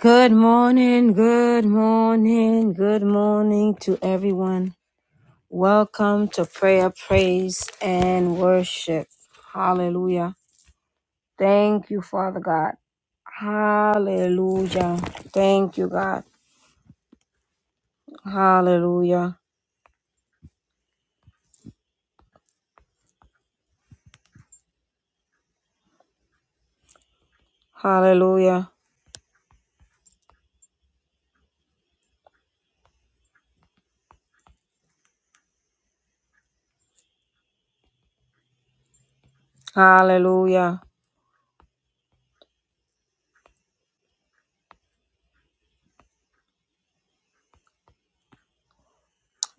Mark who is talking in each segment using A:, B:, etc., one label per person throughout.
A: Good morning, good morning, good morning to everyone. Welcome to prayer, praise, and worship. Hallelujah. Thank you, Father God. Hallelujah. Thank you, God. Hallelujah. Hallelujah. Hallelujah.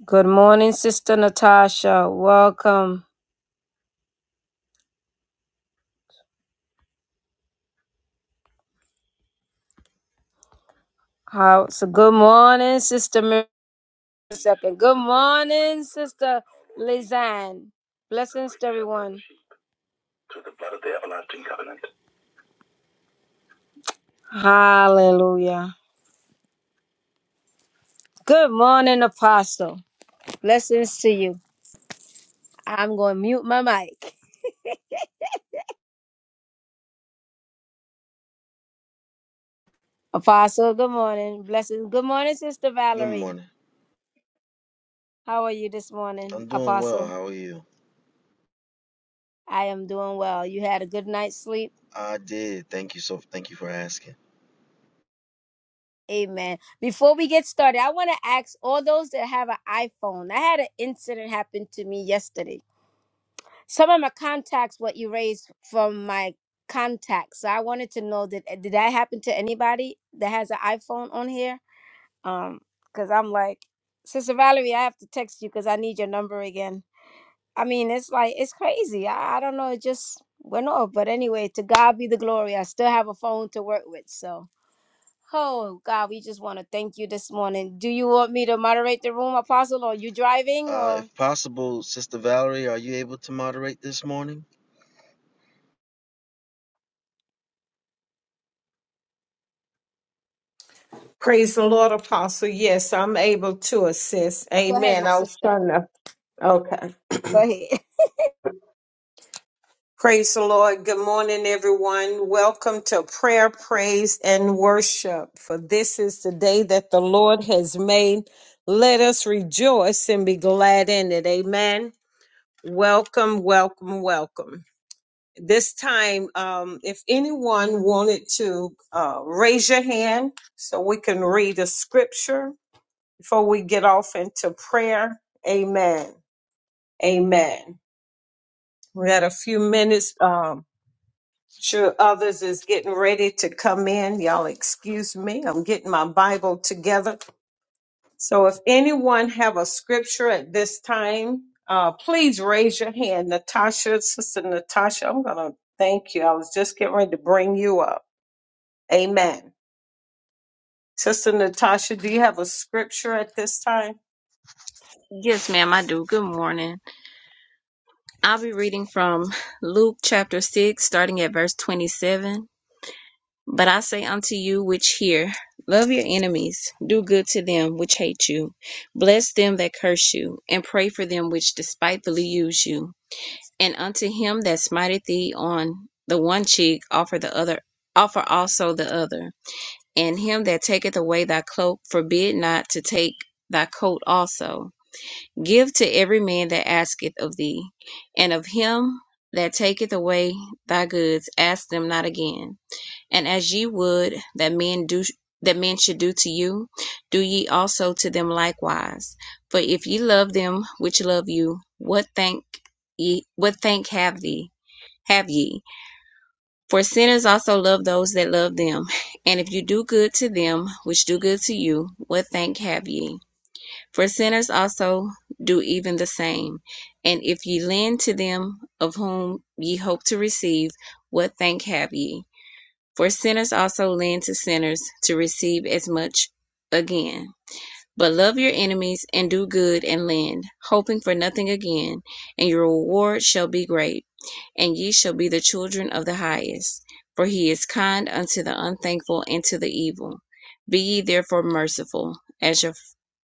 A: Good morning, Sister Natasha. Welcome. How, so good morning, Sister Mary. a second. Good morning, Sister Lizanne. Blessings to everyone. Hallelujah. Good morning, Apostle. Blessings to you. I'm going to mute my mic. Apostle, good morning. Blessings. Good morning, Sister
B: Good
A: Valerie.
B: morning.
A: How are you this morning,
B: I'm doing well.
A: Apostle?
B: How are you?
A: I am doing well. You had a good night's sleep.
B: I did. Thank you so thank you for asking.
A: Amen. Before we get started, I want to ask all those that have an iPhone. I had an incident happen to me yesterday. some of my contacts what you raised from my contacts so i wanted to know that did that happen to anybody that has an iphone on here um because i'm like sister valerie i have to text you because i need your number again i mean it's like it's crazy i, I don't know it just went off but anyway to god be the glory i still have a phone to work with so oh god we just want to thank you this morning do you want me to moderate the room apostle or you driving
B: Uh
A: or
B: if possible, Sister Valerie, are you able to moderate this morning?
C: Praise the Lord, Apostle. Yes, I'm able to assist.
A: go ahead
C: Amen.
A: my
C: I was
A: sister
C: trying to. Okay.
A: go ahead
C: Praise the Lord. Good morning, everyone. Welcome to prayer, praise, and worship. For this is the day that the Lord has made. Let us rejoice and be glad in it. Amen. Welcome, welcome, welcome. This time, um, if anyone wanted to uh, raise your hand so we can read a scripture before we get off into prayer. Amen. Amen. We got a few minutes. Um, sure others is getting ready to come in. Y'all excuse me. I'm getting my Bible together. So if anyone have a scripture at this time, uh, please raise your hand. Natasha, Sister Natasha, I'm going to thank you. I was just getting ready to bring you up. Amen. Sister Natasha, do you have a scripture at this time?
D: Yes, ma'am, I do. Good morning. I'll be reading from Luke chapter 6, starting at verse 27. But I say unto you which hear, love your enemies, do good to them which hate you, bless them that curse you, and pray for them which despitefully use you. And unto him that smiteth thee on the one cheek, offer the other, offer also the other. And him that taketh away thy cloak, forbid not to take thy coat also Give to every man that asketh of thee, and of him that taketh away thy goods ask them not again. And as ye would that men do that men should do to you, do ye also to them likewise. For if ye love them which love you, what thank ye what thank have thee have ye? For sinners also love those that love them. And if you do good to them which do good to you, what thank have ye? For sinners also do even the same. And if ye lend to them of whom ye hope to receive, what thank have ye? For sinners also lend to sinners to receive as much again. But love your enemies and do good and lend, hoping for nothing again, and your reward shall be great and ye shall be the children of the highest, for he is kind unto the unthankful and to the evil. Be ye therefore merciful, as your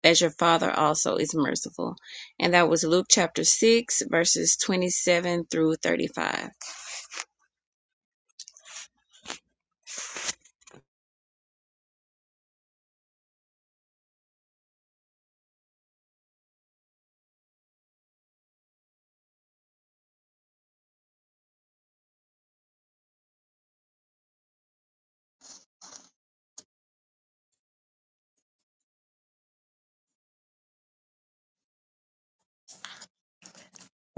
D: as your father also is merciful. And that was Luke chapter six, verses twenty seven through thirty five.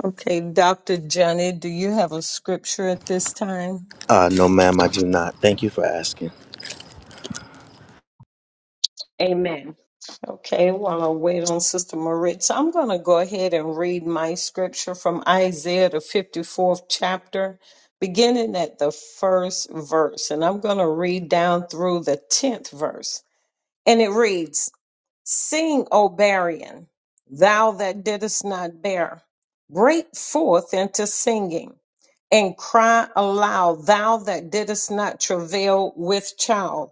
C: Okay, Dr. Johnny, do you have a scripture at this time?
B: Uh, no, ma'am, I do not. Thank you for asking.
C: Amen. Okay, while I wait on Sister Maritza, I'm going to go ahead and read my scripture from Isaiah, the 54th chapter, beginning at the first verse. And I'm going to read down through the 10th verse. And it reads, Sing, O barren, thou that didst not bear. Break forth into singing and cry aloud, thou that didst not travail with child.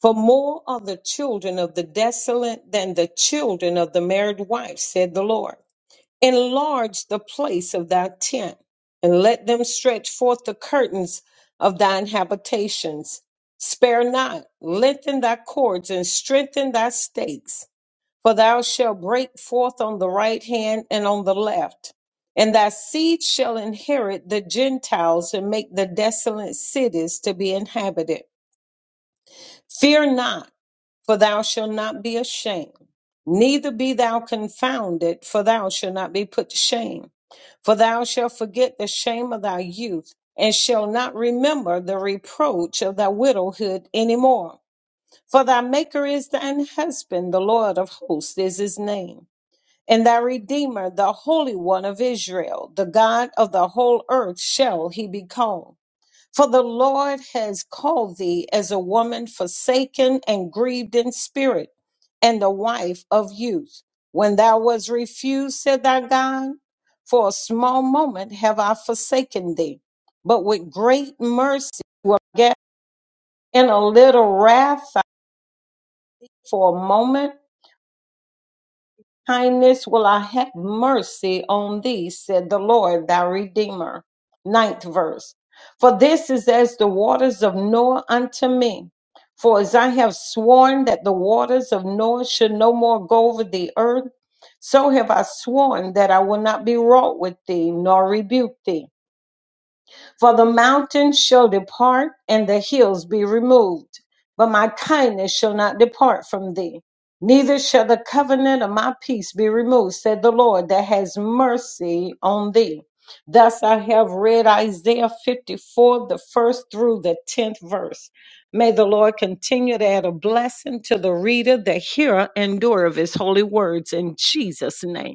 C: For more are the children of the desolate than the children of the married wife, said the Lord. Enlarge the place of thy tent, and let them stretch forth the curtains of thine habitations. Spare not, lengthen thy cords and strengthen thy stakes for thou shalt break forth on the right hand and on the left. And thy seed shall inherit the Gentiles and make the desolate cities to be inhabited. Fear not, for thou shalt not be ashamed, neither be thou confounded, for thou shalt not be put to shame. For thou shalt forget the shame of thy youth, and shalt not remember the reproach of thy widowhood any more. For thy Maker is thine husband, the Lord of hosts is his name and thy Redeemer, the Holy One of Israel, the God of the whole earth, shall he be called. For the Lord has called thee as a woman forsaken and grieved in spirit, and the wife of youth. When thou was refused, said thy God, for a small moment have I forsaken thee. But with great mercy, yet in a little wrath for a moment Kindness will I have mercy on thee, said the Lord thy Redeemer. Ninth verse. For this is as the waters of Noah unto me. For as I have sworn that the waters of Noah should no more go over the earth, so have I sworn that I will not be wroth with thee, nor rebuke thee. For the mountains shall depart and the hills be removed, but my kindness shall not depart from thee. Neither shall the covenant of my peace be removed, said the Lord that has mercy on thee. Thus I have read Isaiah 54, the first through the tenth verse. May the Lord continue to add a blessing to the reader, the hearer, and doer of his holy words in Jesus' name.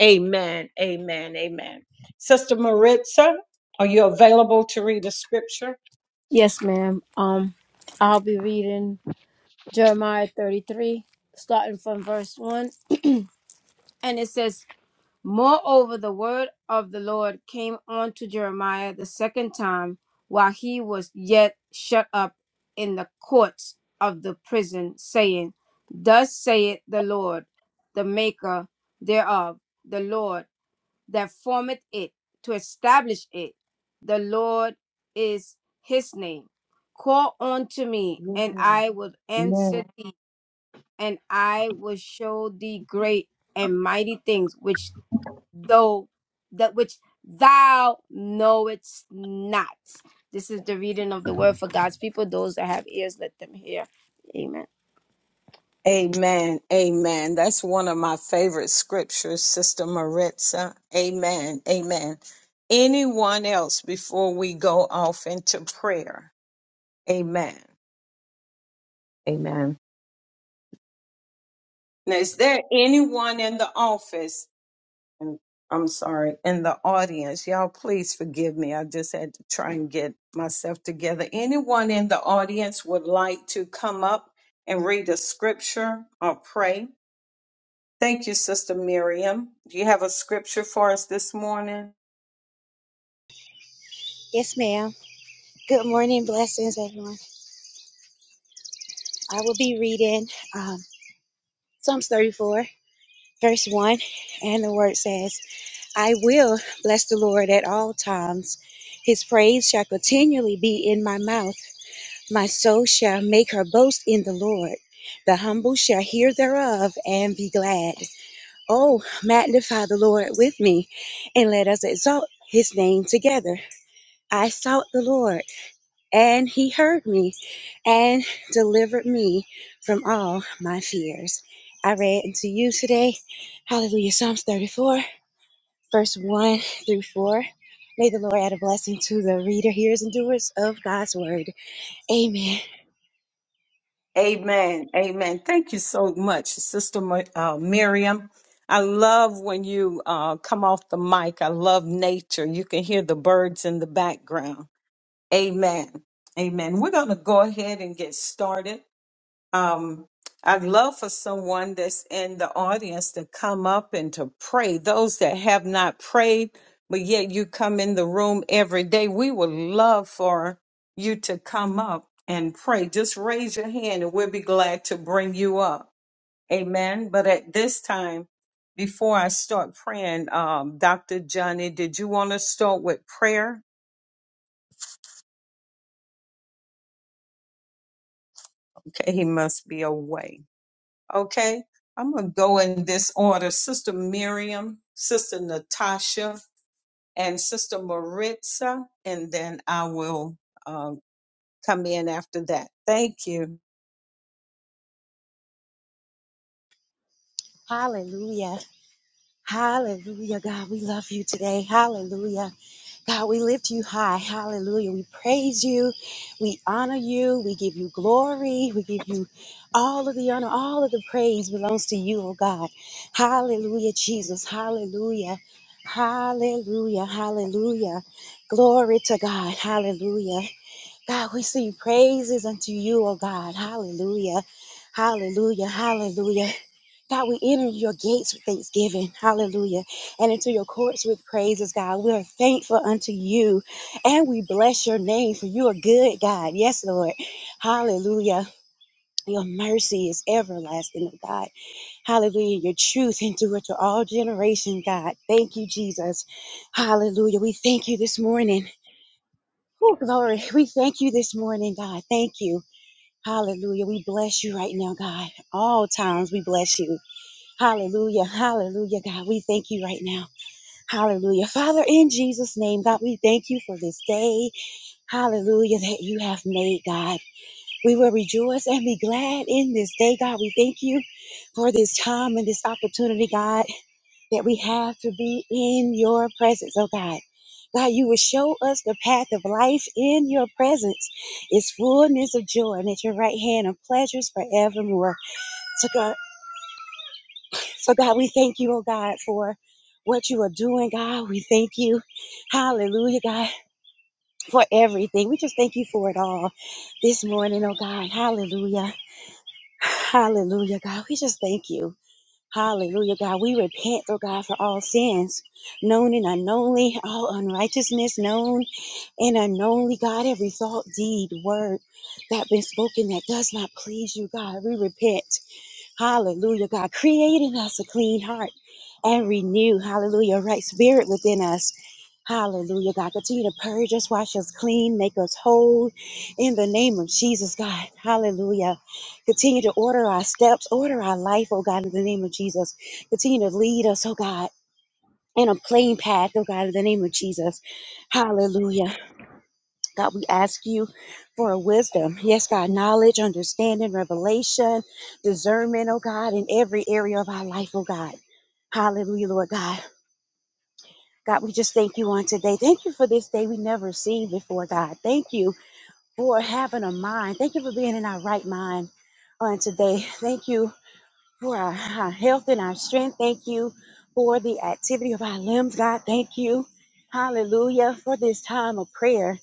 C: Amen. Amen. Amen. Sister Maritza, are you available to read the scripture?
A: Yes, ma'am. Um, I'll be reading Jeremiah 33, starting from verse 1. And it says, Moreover, the word of the Lord came unto Jeremiah the second time while he was yet shut up in the courts of the prison, saying, Thus saith the Lord, the maker thereof, the Lord that formeth it, to establish it. The Lord is his name. Call unto me, and
C: Amen.
A: I will
C: Amen.
A: answer thee, and I will show thee great and mighty things which thou that which thou knowest not. This is the reading of the word for God's people. Those that have ears, let them hear. Amen.
C: Amen. Amen. That's one of my favorite scriptures, Sister Maritza. Amen. Amen. Anyone else before we go off into prayer? Amen. Amen. Now, is there anyone in the office and I'm sorry, in the audience, y'all please forgive me. I just had to try and get myself together. Anyone in the audience would like to come up and read a scripture or pray? Thank you, Sister Miriam. Do you have a scripture for us this morning?
E: Yes, ma'am. Good morning. Blessings, everyone. I will be reading um, Psalms 34, verse 1. And the word says, I will bless the Lord at all times. His praise shall continually be in my mouth. My soul shall make her boast in the Lord. The humble shall hear thereof and be glad. Oh, magnify the Lord with me, and let us exalt his name together. I sought the Lord And he heard me and delivered me from all my fears. I read unto you today, hallelujah, Psalms 34, verse 1 through 4. May the Lord add a blessing to the reader, hearers, and doers of God's word. Amen.
C: Amen. Amen. Thank you so much, Sister Mi- uh, Miriam. I love when you uh, come off the mic. I love nature. You can hear the birds in the background. Amen. Amen. We're going to go ahead and get started. Um, I'd love for someone that's in the audience to come up and to pray. Those that have not prayed, but yet you come in the room every day, we would love for you to come up and pray. Just raise your hand and we'll be glad to bring you up. Amen. But at this time, before I start praying, um, Dr. Johnny, did you want to start with prayer? Okay, he must be away. Okay, I'm going to go in this order Sister Miriam, Sister Natasha, and Sister Maritza, and then I will um, come in after that. Thank you.
E: Hallelujah. Hallelujah, God. We love you today. Hallelujah. God, we lift you high. Hallelujah. We praise you. We honor you. We give you glory. We give you all of the honor. All of the praise belongs to you, oh God. Hallelujah, Jesus. Hallelujah. Hallelujah. Hallelujah. Glory to God. Hallelujah. God, we sing praises unto you, oh God. Hallelujah. Hallelujah. Hallelujah. God, we enter your gates with thanksgiving. Hallelujah. And into your courts with praises, God. We are thankful unto you and we bless your name for you are good, God. Yes, Lord. Hallelujah. Your mercy is everlasting, oh God. Hallelujah. Your truth endureth to all generation, God. Thank you, Jesus. Hallelujah. We thank you this morning. Oh, glory. We thank you this morning, God. Thank you. Hallelujah. We bless you right now, God. All times we bless you. Hallelujah. Hallelujah. God, we thank you right now. Hallelujah. Father, in Jesus' name, God, we thank you for this day. Hallelujah, that you have made, God. We will rejoice and be glad in this day, God. We thank you for this time and this opportunity, God, that we have to be in your presence, oh God. God, you will show us the path of life in your presence. It's fullness of joy, and at your right hand of pleasures forevermore. So, God, we thank you, oh God, for what you are doing, God. We thank you. Hallelujah, God, for everything. We just thank you for it all this morning, oh God. Hallelujah. Hallelujah, God. We just thank you. Hallelujah, God. We repent, oh God, for all sins, known and unknownly, all unrighteousness, known and unknownly, God. Every thought, deed, word that been spoken that does not please you, God. We repent. Hallelujah, God, creating us a clean heart and renew, hallelujah, a right spirit within us. Hallelujah, God. Continue to purge us, wash us clean, make us whole in the name of Jesus, God. Hallelujah. Continue to order our steps, order our life, oh God, in the name of Jesus. Continue to lead us, oh God, in a plain path, oh God, in the name of Jesus. Hallelujah. God, we ask you for a wisdom. Yes, God, knowledge, understanding, revelation, discernment, oh God, in every area of our life, oh God. Hallelujah, Lord God. God, we just thank you on today. Thank you for this day we never seen before, God. Thank you for having a mind. Thank you for being in our right mind on today. Thank you for our, our health and our strength. Thank you for the activity of our limbs, God. Thank you. Hallelujah for this time of prayer.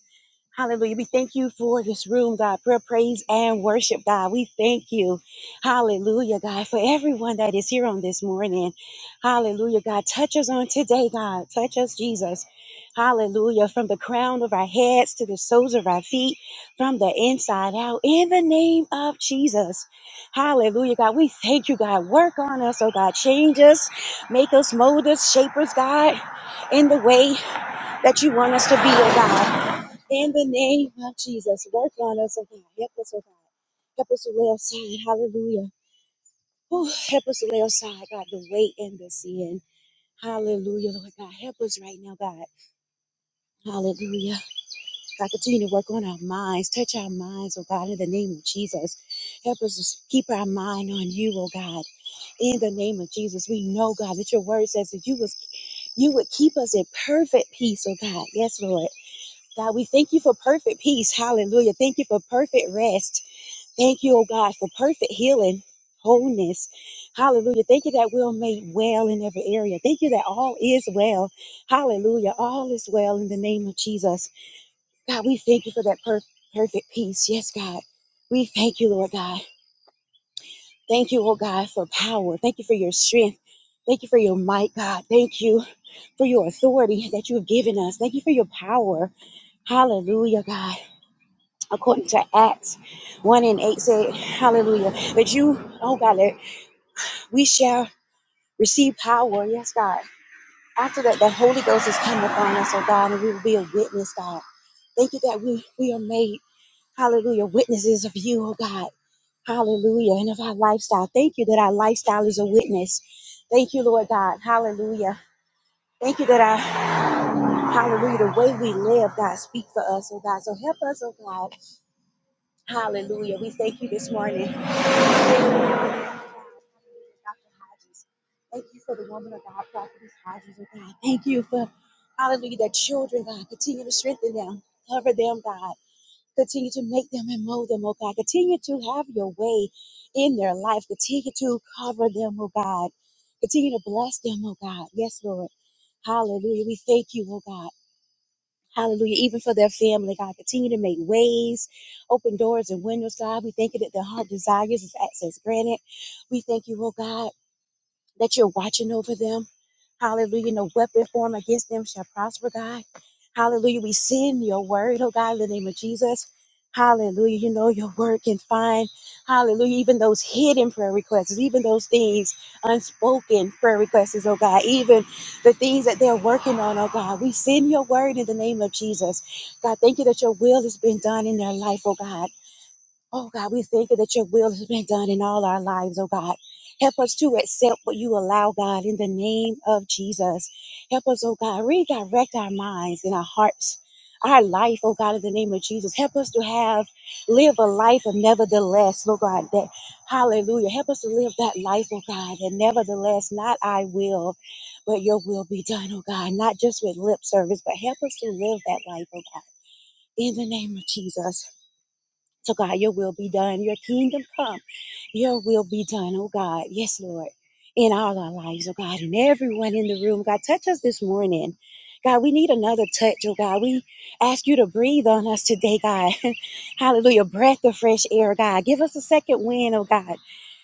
E: Hallelujah. We thank you for this room, God. Prayer, praise, and worship, God. We thank you. Hallelujah, God, for everyone that is here on this morning. Hallelujah, God. Touch us on today, God. Touch us, Jesus. Hallelujah. From the crown of our heads to the soles of our feet, from the inside out, in the name of Jesus. Hallelujah, God. We thank you, God. Work on us, oh God. Change us, make us, mold us, shape us, God, in the way that you want us to be, oh God. In the name of Jesus, work on us, oh God. Help us, oh God. Help us to lay aside. Hallelujah. Whew. help us to lay aside, God, the weight and the sin. Hallelujah, Lord God. Help us right now, God. Hallelujah. God, continue to work on our minds. Touch our minds, oh God, in the name of Jesus. Help us to keep our mind on you, oh God. In the name of Jesus, we know, God, that your word says that you was you would keep us in perfect peace, oh God. Yes, Lord. God, we thank you for perfect peace. Hallelujah. Thank you for perfect rest. Thank you, oh God, for perfect healing, wholeness. Hallelujah. Thank you that we're made well in every area. Thank you that all is well. Hallelujah. All is well in the name of Jesus. God, we thank you for that per- perfect peace. Yes, God. We thank you, Lord God. Thank you, oh God, for power. Thank you for your strength. Thank you for your might, God. Thank you for your authority that you have given us. Thank you for your power. Hallelujah, God according to Acts 1 and 8 said, Hallelujah. That you, oh God, that we shall receive power. Yes, God. After that, the Holy Ghost is coming upon us, oh God, and we will be a witness, God. Thank you that we, we are made, hallelujah, witnesses of you, oh God. Hallelujah. And of our lifestyle. Thank you that our lifestyle is a witness. Thank you, Lord God. Hallelujah. Thank you that our hallelujah, the way we live, God, speak for us, oh God. So help us, oh God. Hallelujah. We thank you this morning. Dr. Hodges. Thank you for the woman of God, prophetess Hodges, oh God. Thank you for, hallelujah, that children, God, continue to strengthen them, cover them, God. Continue to make them and mold them, oh God. Continue to have your way in their life. Continue to cover them, oh God. Continue to bless them, oh God. Yes, Lord. Hallelujah. We thank you, oh God. Hallelujah. Even for their family, God, continue to make ways, open doors and windows, God. We thank you that their heart desires is access granted. We thank you, oh God that you're watching over them. Hallelujah. No weapon formed against them shall prosper, God. Hallelujah. We send your word, oh God, in the name of Jesus. Hallelujah. You know your word can find, hallelujah, even those hidden prayer requests, even those things, unspoken prayer requests, oh God, even the things that they're working on, oh God. We send your word in the name of Jesus. God, thank you that your will has been done in their life, oh God. Oh God, we thank you that your will has been done in all our lives, oh God. Help us to accept what you allow, God, in the name of Jesus. Help us, oh God, redirect our minds and our hearts, our life, oh God, in the name of Jesus. Help us to have, live a life of nevertheless, oh God, that, hallelujah. Help us to live that life, oh God, and nevertheless, not I will, but your will be done, oh God, not just with lip service, but help us to live that life, oh God, in the name of Jesus. So, God, your will be done. Your kingdom come. Your will be done, oh God. Yes, Lord. In all our lives, oh God, and everyone in the room. God, touch us this morning. God, we need another touch, oh God. We ask you to breathe on us today, God. Hallelujah. Breath of fresh air, God. Give us a second wind, oh God.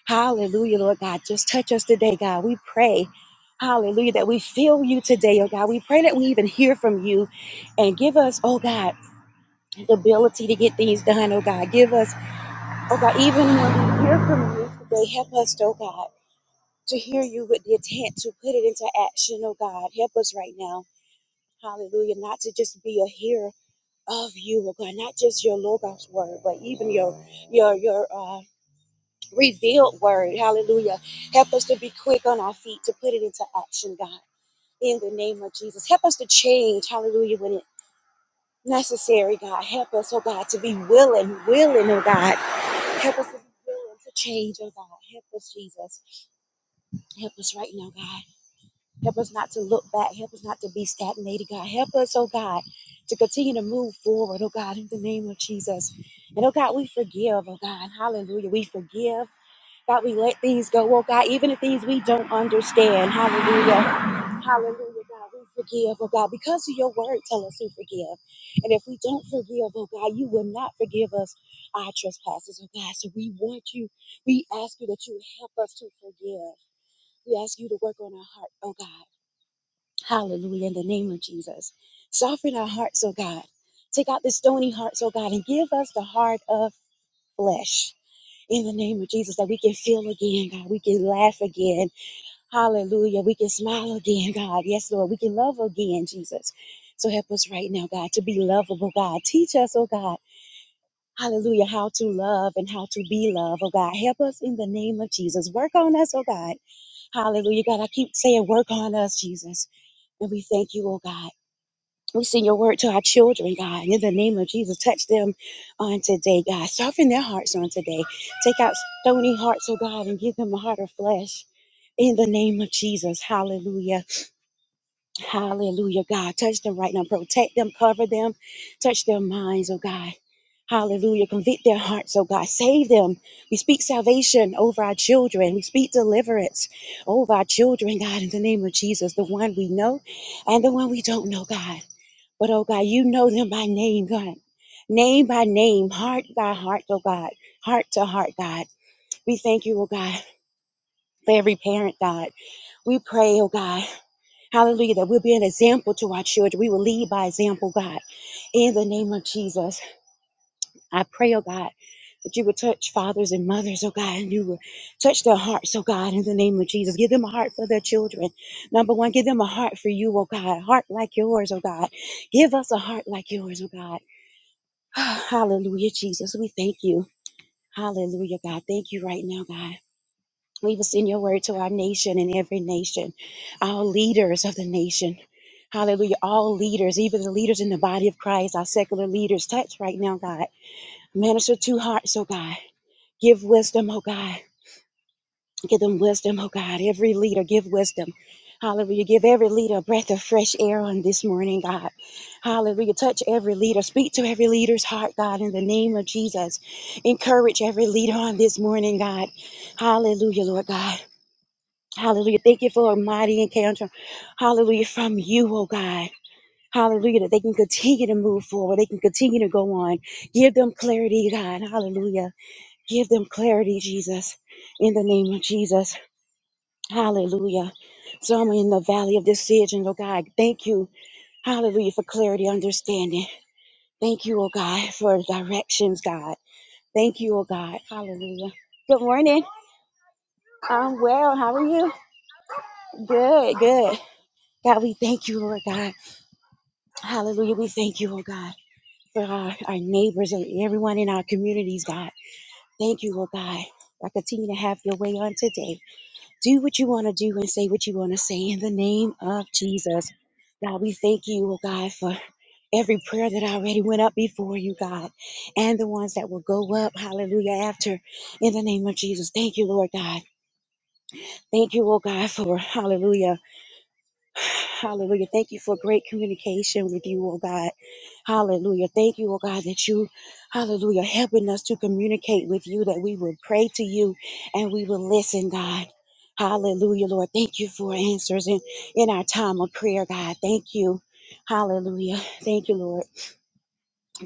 E: Hallelujah, Lord God. Just touch us today, God. We pray. Hallelujah, that we feel you today, oh God. We pray that we even hear from you and give us, oh God, the ability to get things done, oh God. Give us Oh God, even when we hear from you today, help us, oh God, to hear you with the intent to put it into action, oh God. Help us right now. Hallelujah. Not to just be a hearer of you, oh God, not just your Logos word, but even your your your uh revealed word. Hallelujah. Help us to be quick on our feet to put it into action, God. In the name of Jesus. Help us to change, hallelujah, when it's necessary, God. Help us, oh God, to be willing, willing, oh God Help us to be willing to change, oh God. Help us, Jesus. Help us right now, God. Help us not to look back. Help us not to be stagnated, God. Help us, oh God, to continue to move forward, oh God, in the name of Jesus. And oh God, we forgive, oh God. Hallelujah. We forgive that we let things go, oh God, even the things we don't understand. Hallelujah. Hallelujah, God. We forgive, oh God, because of your word, tell us to forgive. And if we don't forgive, oh God, you will not forgive us our trespasses, oh God. So we want you, we ask you that you help us to forgive. We ask you to work on our heart, oh God. Hallelujah, in the name of Jesus. Soften our hearts, oh God. Take out the stony hearts, oh God, and give us the heart of flesh in the name of Jesus, that we can feel again, God. We can laugh again. Hallelujah. We can smile again, God. Yes, Lord. We can love again, Jesus. So help us right now, God, to be lovable, God. Teach us, oh God. Hallelujah. How to love and how to be loved, oh God. Help us in the name of Jesus. Work on us, oh God. Hallelujah. God, I keep saying, work on us, Jesus. And we thank you, oh God. We send your word to our children, God. In the name of Jesus, touch them on today, God. Soften their hearts on today. Take out stony hearts, oh God, and give them a heart of flesh. In the name of Jesus, hallelujah. Hallelujah, God. Touch them right now. Protect them, cover them, touch their minds, oh God. Hallelujah. Convict their hearts, oh God. Save them. We speak salvation over our children. We speak deliverance over our children, God, in the name of Jesus, the one we know and the one we don't know, God. But oh God, you know them by name, God. Name by name, heart by heart, oh God. Heart to heart, God. We thank you, oh God, for every parent, God. We pray, oh God. Hallelujah, that we'll be an example to our children. We will lead by example, God. In the name of Jesus, I pray, oh God, that you would touch fathers and mothers, oh God, and you would touch their hearts, oh God, in the name of Jesus. Give them a heart for their children. Number one, give them a heart for you, oh God, a heart like yours, oh God. Give us a heart like yours, oh God. Oh, Hallelujah, Jesus. We thank you. Hallelujah, God. Thank you right now, God. We will send your word to our nation and every nation, our leaders of the nation. Hallelujah. All leaders, even the leaders in the body of Christ, our secular leaders, touch right now, God. Minister to hearts, oh God. Give wisdom, oh God. Give them wisdom, oh God. Every leader, give wisdom. Hallelujah. Give every leader a breath of fresh air on this morning, God. Hallelujah. Touch every leader. Speak to every leader's heart, God, in the name of Jesus. Encourage every leader on this morning, God. Hallelujah, Lord God. Hallelujah. Thank you for a mighty encounter. Hallelujah. From you, oh God. Hallelujah. That they can continue to move forward. They can continue to go on. Give them clarity, God. Hallelujah. Give them clarity, Jesus. In the name of Jesus. Hallelujah. So I'm in the valley of decision, oh God. Thank you. Hallelujah for clarity, understanding. Thank you, oh God, for directions, God. Thank you, oh God. Hallelujah. Good morning. I'm well. How are you? Good, good. God, we thank you, Lord God. Hallelujah. We thank you, oh God, for our, our neighbors and everyone in our communities, God. Thank you, oh God. I continue to have your way on today. do what you want to do and say what you want to say in the name of Jesus. God, we thank you, oh God, for every prayer that already went up before you, God, and the ones that will go up, hallelujah, after in the name of Jesus. Thank you, Lord God. Thank you, oh God, for hallelujah. Hallelujah. Thank you for great communication with you, oh God. Hallelujah. Thank you, oh God, that you, hallelujah, helping us to communicate with you, that we will pray to you and we will listen, God. Hallelujah, Lord. Thank you for answers in, in our time of prayer, God. Thank you. Hallelujah. Thank you, Lord.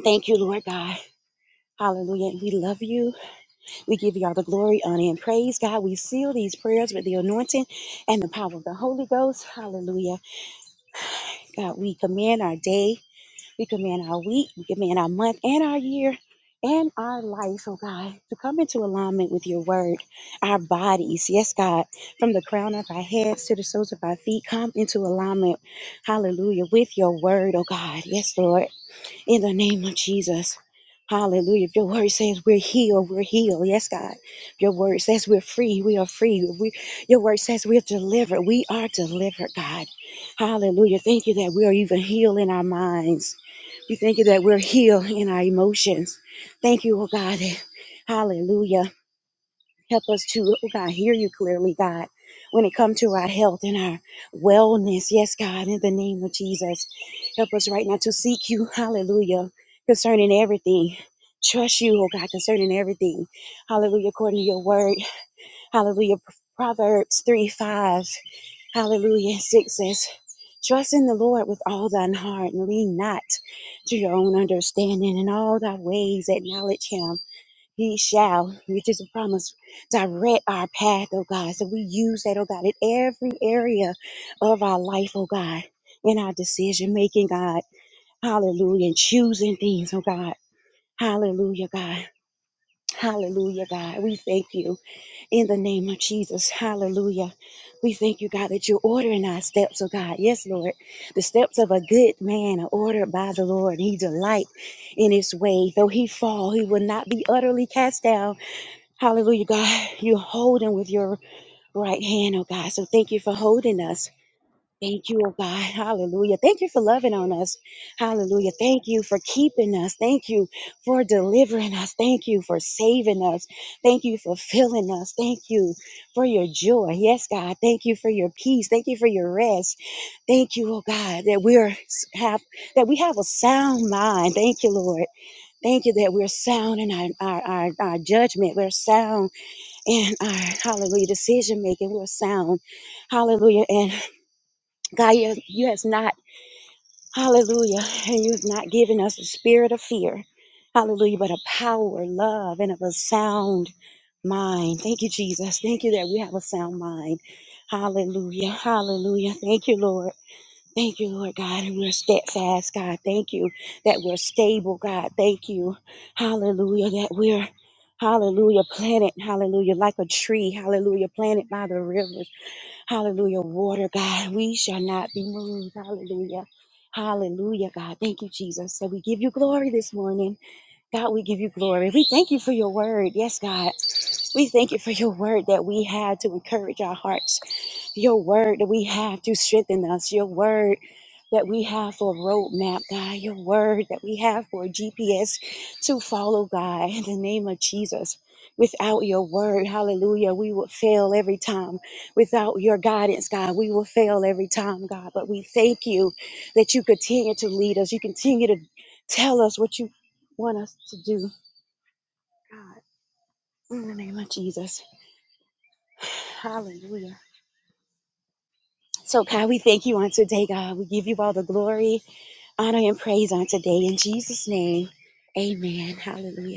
E: Thank you, Lord God. Hallelujah. We love you. We give you all the glory, honor, and praise, God. We seal these prayers with the anointing and the power of the Holy Ghost. Hallelujah. God, we command our day. We command our week, we command our month and our year and our life, oh God, to come into alignment with your word. Our bodies, yes, God, from the crown of our heads to the soles of our feet, come into alignment, hallelujah, with your word, oh God. Yes, Lord in the name of Jesus. Hallelujah. If your word says we're healed, we're healed. Yes, God. If your word says we're free, we are free. If we, your word says we're delivered. We are delivered, God. Hallelujah. Thank you that we are even healed in our minds. We thank you that we're healed in our emotions. Thank you, oh God. Hallelujah Help us to, oh God, hear you clearly, God, when it comes to our health and our wellness. Yes, God, in the name of Jesus. Help us right now to seek you, hallelujah, concerning everything. Trust you, oh God, concerning everything. Hallelujah, according to your word. Hallelujah. Proverbs 3 5. Hallelujah. 6 says, Trust in the Lord with all thine heart and lean not to your own understanding. In all thy ways acknowledge him he shall, which is a promise, direct our path, oh God. So we use that, oh God, in every area of our life, oh God, in our decision making, God. Hallelujah. And choosing things, oh God. Hallelujah, God. Hallelujah, God. We thank you in the name of Jesus. Hallelujah. We thank you, God, that you're ordering our steps, oh God. Yes, Lord. The steps of a good man are ordered by the Lord. He delight in his way. Though he fall, he will not be utterly cast down Hallelujah, God. You're holding with your right hand, oh God. So thank you for holding us. Thank you, oh God. Hallelujah. Thank you for loving on us. Hallelujah. Thank you for keeping us. Thank you for delivering us. Thank you for saving us. Thank you for filling us. Thank you for your joy. Yes, God. Thank you for your peace. Thank you for your rest. Thank you, oh God, that we're have that we have a sound mind. Thank you, Lord. Thank you that we're sound in our, our, our, our judgment. We're sound and our hallelujah decision making will sound hallelujah and god you, you has not hallelujah and you have not given us a spirit of fear hallelujah but a power love and of a sound mind thank you jesus thank you that we have a sound mind hallelujah hallelujah thank you lord Thank you, Lord God, and we're steadfast, God. Thank you that we're stable, God. Thank you, hallelujah, that we're, hallelujah, planted, hallelujah, like a tree, hallelujah, planted by the rivers, hallelujah, water, God. We shall not be moved, hallelujah. Hallelujah, God. Thank you, Jesus. So we give you glory this morning. God, we give you glory. We thank you for your word. Yes, God. We thank you for your word that we had to encourage our hearts your word that we have to strengthen us, your word that we have for a roadmap, God, your word that we have for a GPS to follow, God, in the name of Jesus. Without your word, hallelujah, we will fail every time. Without your guidance, God, we will fail every time, God. But we thank you that you continue to lead us. You continue to tell us what you want us to do, God, in the name of Jesus. Hallelujah. So, God, we thank you on today, God. We give you all the glory, honor, and praise on today. In Jesus' name, amen. Hallelujah.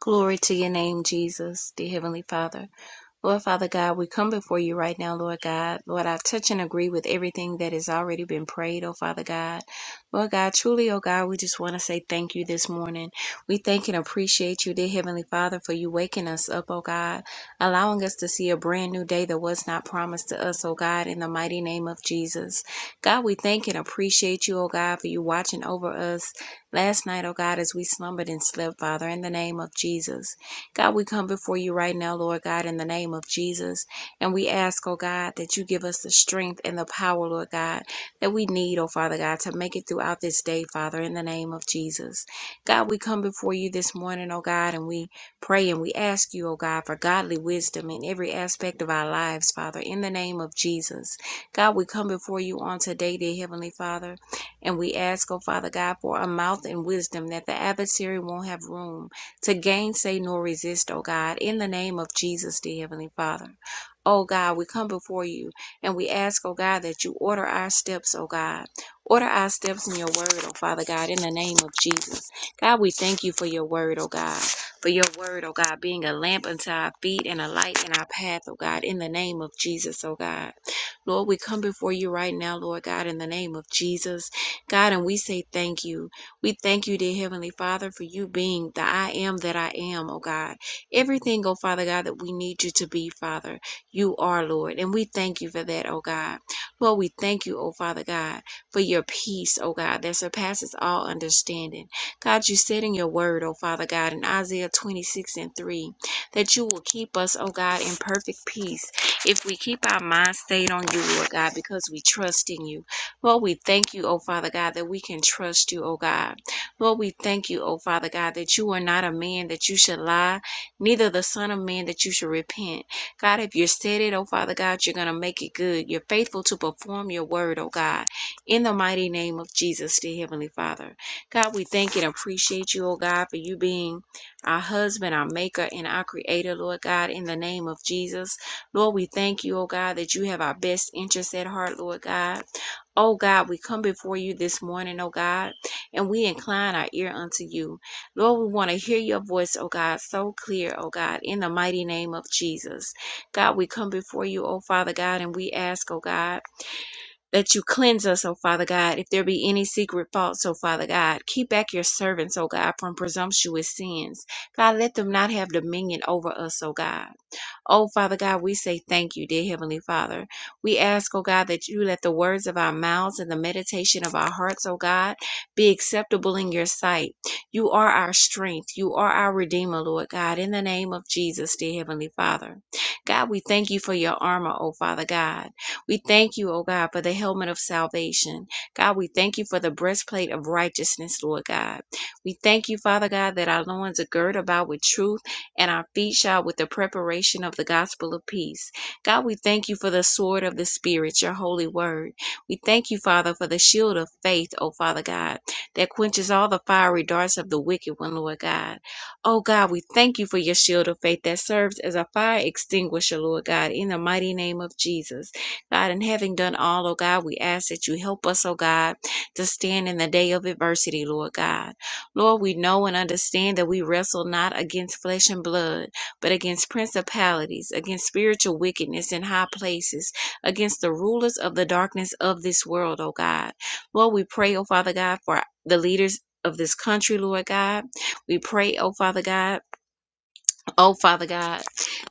D: Glory to your name, Jesus, the Heavenly Father. Lord Father God, we come before you right now, Lord God. Lord, I touch and agree with everything that has already been prayed, oh Father God. Lord God, truly, oh God, we just want to say thank you this morning. We thank and appreciate you, dear Heavenly Father, for you waking us up, oh God, allowing us to see a brand new day that was not promised to us, oh God, in the mighty name of Jesus. God, we thank and appreciate you, oh God, for you watching over us last night, oh God, as we slumbered and slept, Father, in the name of Jesus. God, we come before you right now, Lord God, in the name of Jesus. And we ask, oh God, that you give us the strength and the power, Lord God, that we need, oh Father God, to make it throughout this day, Father, in the name of Jesus. God, we come before you this morning, oh God, and we pray and we ask you, oh God, for godly wisdom in every aspect of our lives, Father, in the name of Jesus. God, we come before you on today, dear Heavenly Father, and we ask, oh Father God, for a mouth and wisdom that the adversary won't have room to gainsay nor resist, O God, in the name of Jesus, the Heavenly Father. O God, we come before you and we ask, O God, that you order our steps, O God. Order our steps in your word, O Father God, in the name of Jesus. God, we thank you for your word, O God. For your word, O God, being a lamp unto our feet and a light in our path, O God, in the name of Jesus, O God. Lord, we come before you right now, Lord God, in the name of Jesus. God, and we say thank you. We thank you, dear Heavenly Father, for you being the I am that I am, oh God. Everything, oh Father God, that we need you to be, Father, you are, Lord. And we thank you for that, oh God. Lord, we thank you, oh Father God, for your peace, oh God, that surpasses all understanding. God, you said in your word, oh Father God, in Isaiah 26 and 3, that you will keep us, oh God, in perfect peace if we keep our minds stayed on you, Lord God, because we trust in you. Lord, we thank you, oh Father God, that we can trust you, oh God. Lord, we thank you, oh Father God, that you are not a man that you should lie, neither the Son of Man that you should repent. God, if you said it, oh Father God, you're going to make it good. You're faithful to perform your word, oh God, in the mighty name of Jesus, dear Heavenly Father. God, we thank and appreciate you, oh God, for you being our husband, our maker, and our creator, Lord God, in the name of Jesus. Lord, we thank you, oh God, that you have our best interests at heart, Lord God. Oh God, we come before you this morning, oh God, and we incline our ear unto you. Lord, we want to hear your voice, oh God, so clear, oh God, in the mighty name of Jesus. God, we come before you, oh Father God, and we ask, oh God, that you cleanse us, oh Father God, if there be any secret faults, oh Father God. Keep back your servants, oh God, from presumptuous sins. God, let them not have dominion over us, oh God. Oh, Father God, we say thank you, dear Heavenly Father. We ask, oh God, that you let the words of our mouths and the meditation of our hearts, oh God, be acceptable in your sight. You are our strength. You are our Redeemer, Lord God, in the name of Jesus, dear Heavenly Father. God, we thank you for your armor, oh Father God. We thank you, oh God, for the helmet of salvation. God, we thank you for the breastplate of righteousness, Lord God. We thank you, Father God, that our loins are girt about with truth and our feet shod with the preparation of the gospel of peace. God, we thank you for the sword of the Spirit, your holy word. We thank you, Father, for the shield of faith, oh Father God, that quenches all the fiery darts of the wicked one, Lord God. Oh God, we thank you for your shield of faith that serves as a fire extinguisher, Lord God, in the mighty name of Jesus. God, and having done all, oh God, we ask that you help us, oh God, to stand in the day of adversity, Lord God. Lord, we know and understand that we wrestle not against flesh and blood, but against principalities, against spiritual wickedness in high places, against the rulers of the darkness of this world, oh God. Lord, we pray, oh Father God, for the leaders of this country, Lord God. We pray, oh Father God Oh Father God,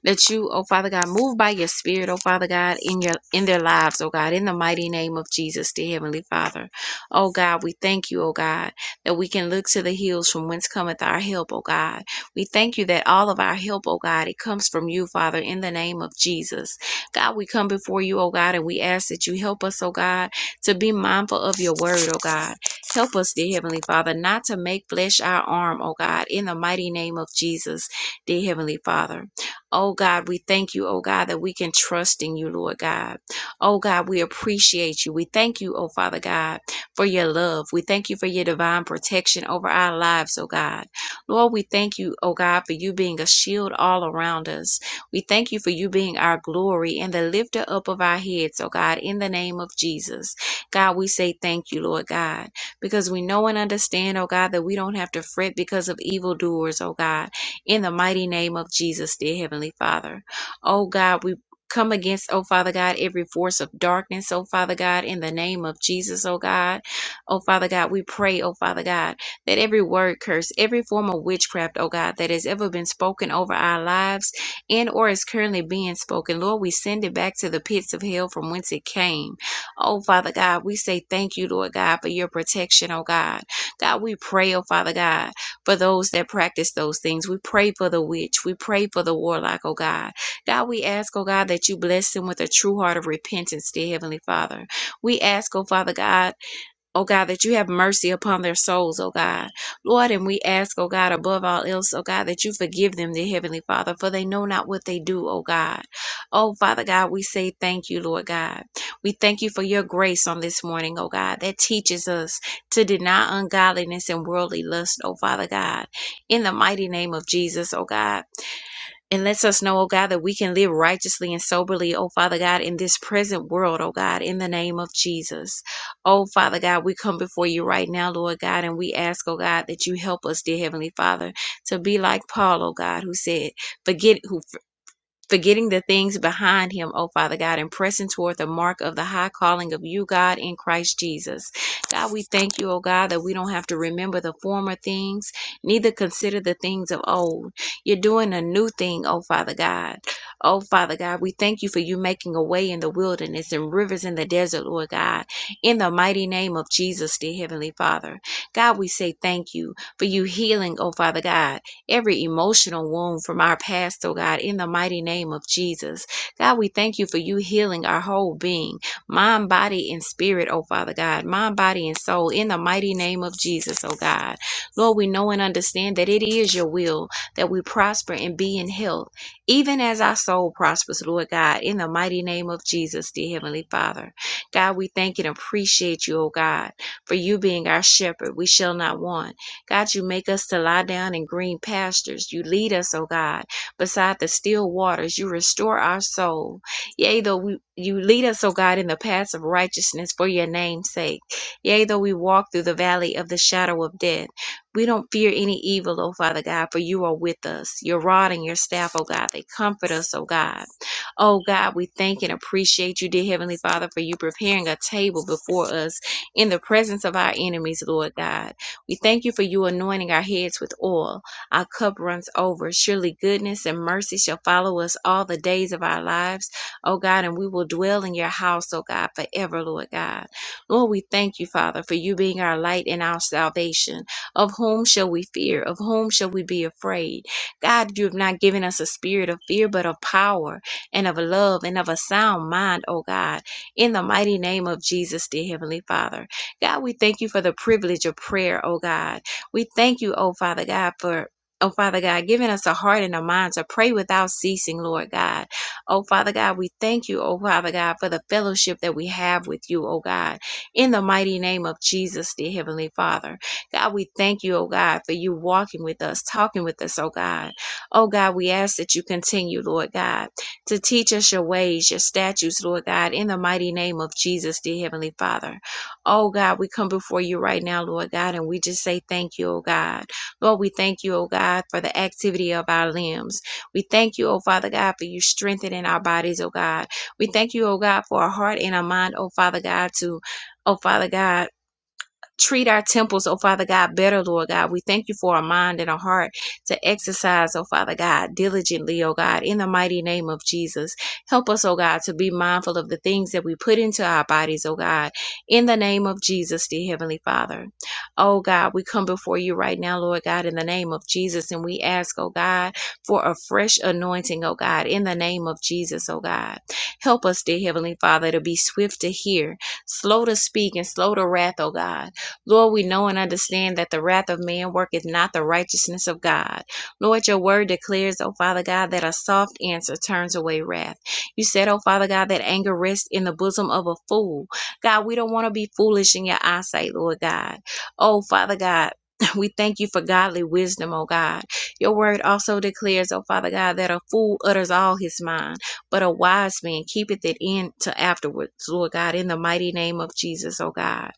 D: that you, oh Father God, move by your spirit, oh Father God, in your in their lives, oh God, in the mighty name of Jesus, dear Heavenly Father. Oh God, we thank you, oh God, that we can look to the hills from whence cometh our help, oh God. We thank you that all of our help, oh God, it comes from you, Father, in the name of Jesus. God, we come before you, oh God, and we ask that you help us, oh God, to be mindful of your word, oh God. Help us, dear Heavenly Father, not to make flesh our arm, oh God, in the mighty name of Jesus dear Heavenly Father. Oh God, we thank you, oh God, that we can trust in you, Lord God. Oh God, we appreciate you. We thank you, oh Father God, for your love. We thank you for your divine protection over our lives, oh God. Lord, we thank you, oh God, for you being a shield all around us. We thank you for you being our glory and the lifter up of our heads, oh God, in the name of Jesus. God, we say thank you, Lord God, because we know and understand, oh God, that we don't have to fret because of evildoers, oh God in the mighty name of Jesus, dear Heavenly Father. Oh God, we come against, oh Father God, every force of darkness, oh Father God, in the name of Jesus, oh God. Oh Father God, we pray, oh Father God, that every word curse, every form of witchcraft, oh God, that has ever been spoken over our lives and or is currently being spoken, Lord, we send it back to the pits of hell from whence it came. Oh Father God, we say thank you, Lord God, for your protection, oh God. God, we pray, oh Father God for those that practice those things. We pray for the witch. We pray for the warlock, oh God. God, we ask, oh God, that you bless them with a true heart of repentance, dear Heavenly Father. We ask, oh Father God, oh God, that you have mercy upon their souls, oh God. Lord, and we ask, oh God, above all else, oh God, that you forgive them, dear Heavenly Father, for they know not what they do, oh God. Oh, Father God, we say thank you, Lord God. We thank you for your grace on this morning, oh God, that teaches us to deny ungodliness and worldly lust, oh Father God. In the mighty name of Jesus, oh God. And lets us know, oh God, that we can live righteously and soberly, oh Father God, in this present world, oh God, in the name of Jesus. Oh Father God, we come before you right now, Lord God, and we ask, oh God, that you help us, dear Heavenly Father, to be like Paul, oh God, who said, forget who forgetting the things behind him, O Father God, and pressing toward the mark of the high calling of you, God, in Christ Jesus. God, we thank you, O God, that we don't have to remember the former things, neither consider the things of old. You're doing a new thing, O Father God. Oh, Father God, we thank you for you making a way in the wilderness and rivers in the desert, Lord God, in the mighty name of Jesus, dear Heavenly Father. God, we say thank you for you healing, oh, Father God every emotional wound from our past, oh God, in the mighty name of Jesus. God, we thank you for you healing our whole being, mind, body, and spirit, oh Father God, mind, body, and soul, in the mighty name of Jesus, oh God. Lord, we know and understand that it is your will that we prosper and be in health, even as our soul prospers, Lord God, in the mighty name of Jesus, dear Heavenly Father. God, we thank and appreciate you, oh God, for you being our shepherd. We shall not want. God, you make us to lie down in green pastures. You lead us, O God, beside the still waters. You restore our soul. Yea, though we, you lead us, O God, in the paths of righteousness for your name's sake. Yea, though we walk through the valley of the shadow of death, we don't fear any evil, O Father God, for you are with us. Your rod and your staff, O God, they comfort us, O God. Oh God, we thank and appreciate you, dear Heavenly Father, for you preparing a table before us in the presence of our enemies, Lord God. We thank you for you anointing our heads with oil. Our cup runs over. Surely goodness and mercy shall follow us all the days of our lives, oh God, and we will dwell in your house, oh God, forever, Lord God. Lord, we thank you, Father, for you being our light and our salvation. Of whom shall we fear? Of whom shall we be afraid? God, you have not given us a spirit of fear, but of power and of love and of a sound mind, oh God. In the mighty name of Jesus, dear Heavenly Father. God, we thank you for the privilege of prayer, oh God. We thank you, oh Father God, for Oh, Father God, giving us a heart and a mind to pray without ceasing, Lord God. Oh, Father God, we thank you, oh, Father God, for the fellowship that we have with you, oh, God. In the mighty name of Jesus, dear Heavenly Father. God, we thank you, oh, God, for you walking with us, talking with us, oh, God. Oh, God, we ask that you continue, Lord God, to teach us your ways, your statutes, Lord God, in the mighty name of Jesus, dear Heavenly Father. Oh God, we come before you right now, Lord God, and we just say thank you, oh God. Lord, we thank you, oh God, for the activity of our limbs. We thank you, oh Father God, for you strengthening our bodies, oh God. We thank you, oh God, for a heart and a mind, oh Father God, to, oh Father God treat our temples, oh Father God, better, Lord God. We thank you for a mind and a heart to exercise, oh Father God, diligently, oh God, in the mighty name of Jesus. Help us, oh God, to be mindful of the things that we put into our bodies, oh God, in the name of Jesus, dear Heavenly Father. Oh God, we come before you right now, Lord God, in the name of Jesus, and we ask, oh God, for a fresh anointing, oh God, in the name of Jesus, oh God. Help us, dear Heavenly Father, to be swift to hear, slow to speak, and slow to wrath, oh God Lord, we know and understand that the wrath of man worketh not the righteousness of God. Lord, your word declares, O Father God, that a soft answer turns away wrath. You said, O Father God, that anger rests in the bosom of a fool. God, we don't want to be foolish in your eyesight, Lord God. Oh, Father God. We thank you for godly wisdom, O God. Your word also declares, O Father God, that a fool utters all his mind, but a wise man keepeth it in to afterwards, Lord God, in the mighty name of Jesus, O God.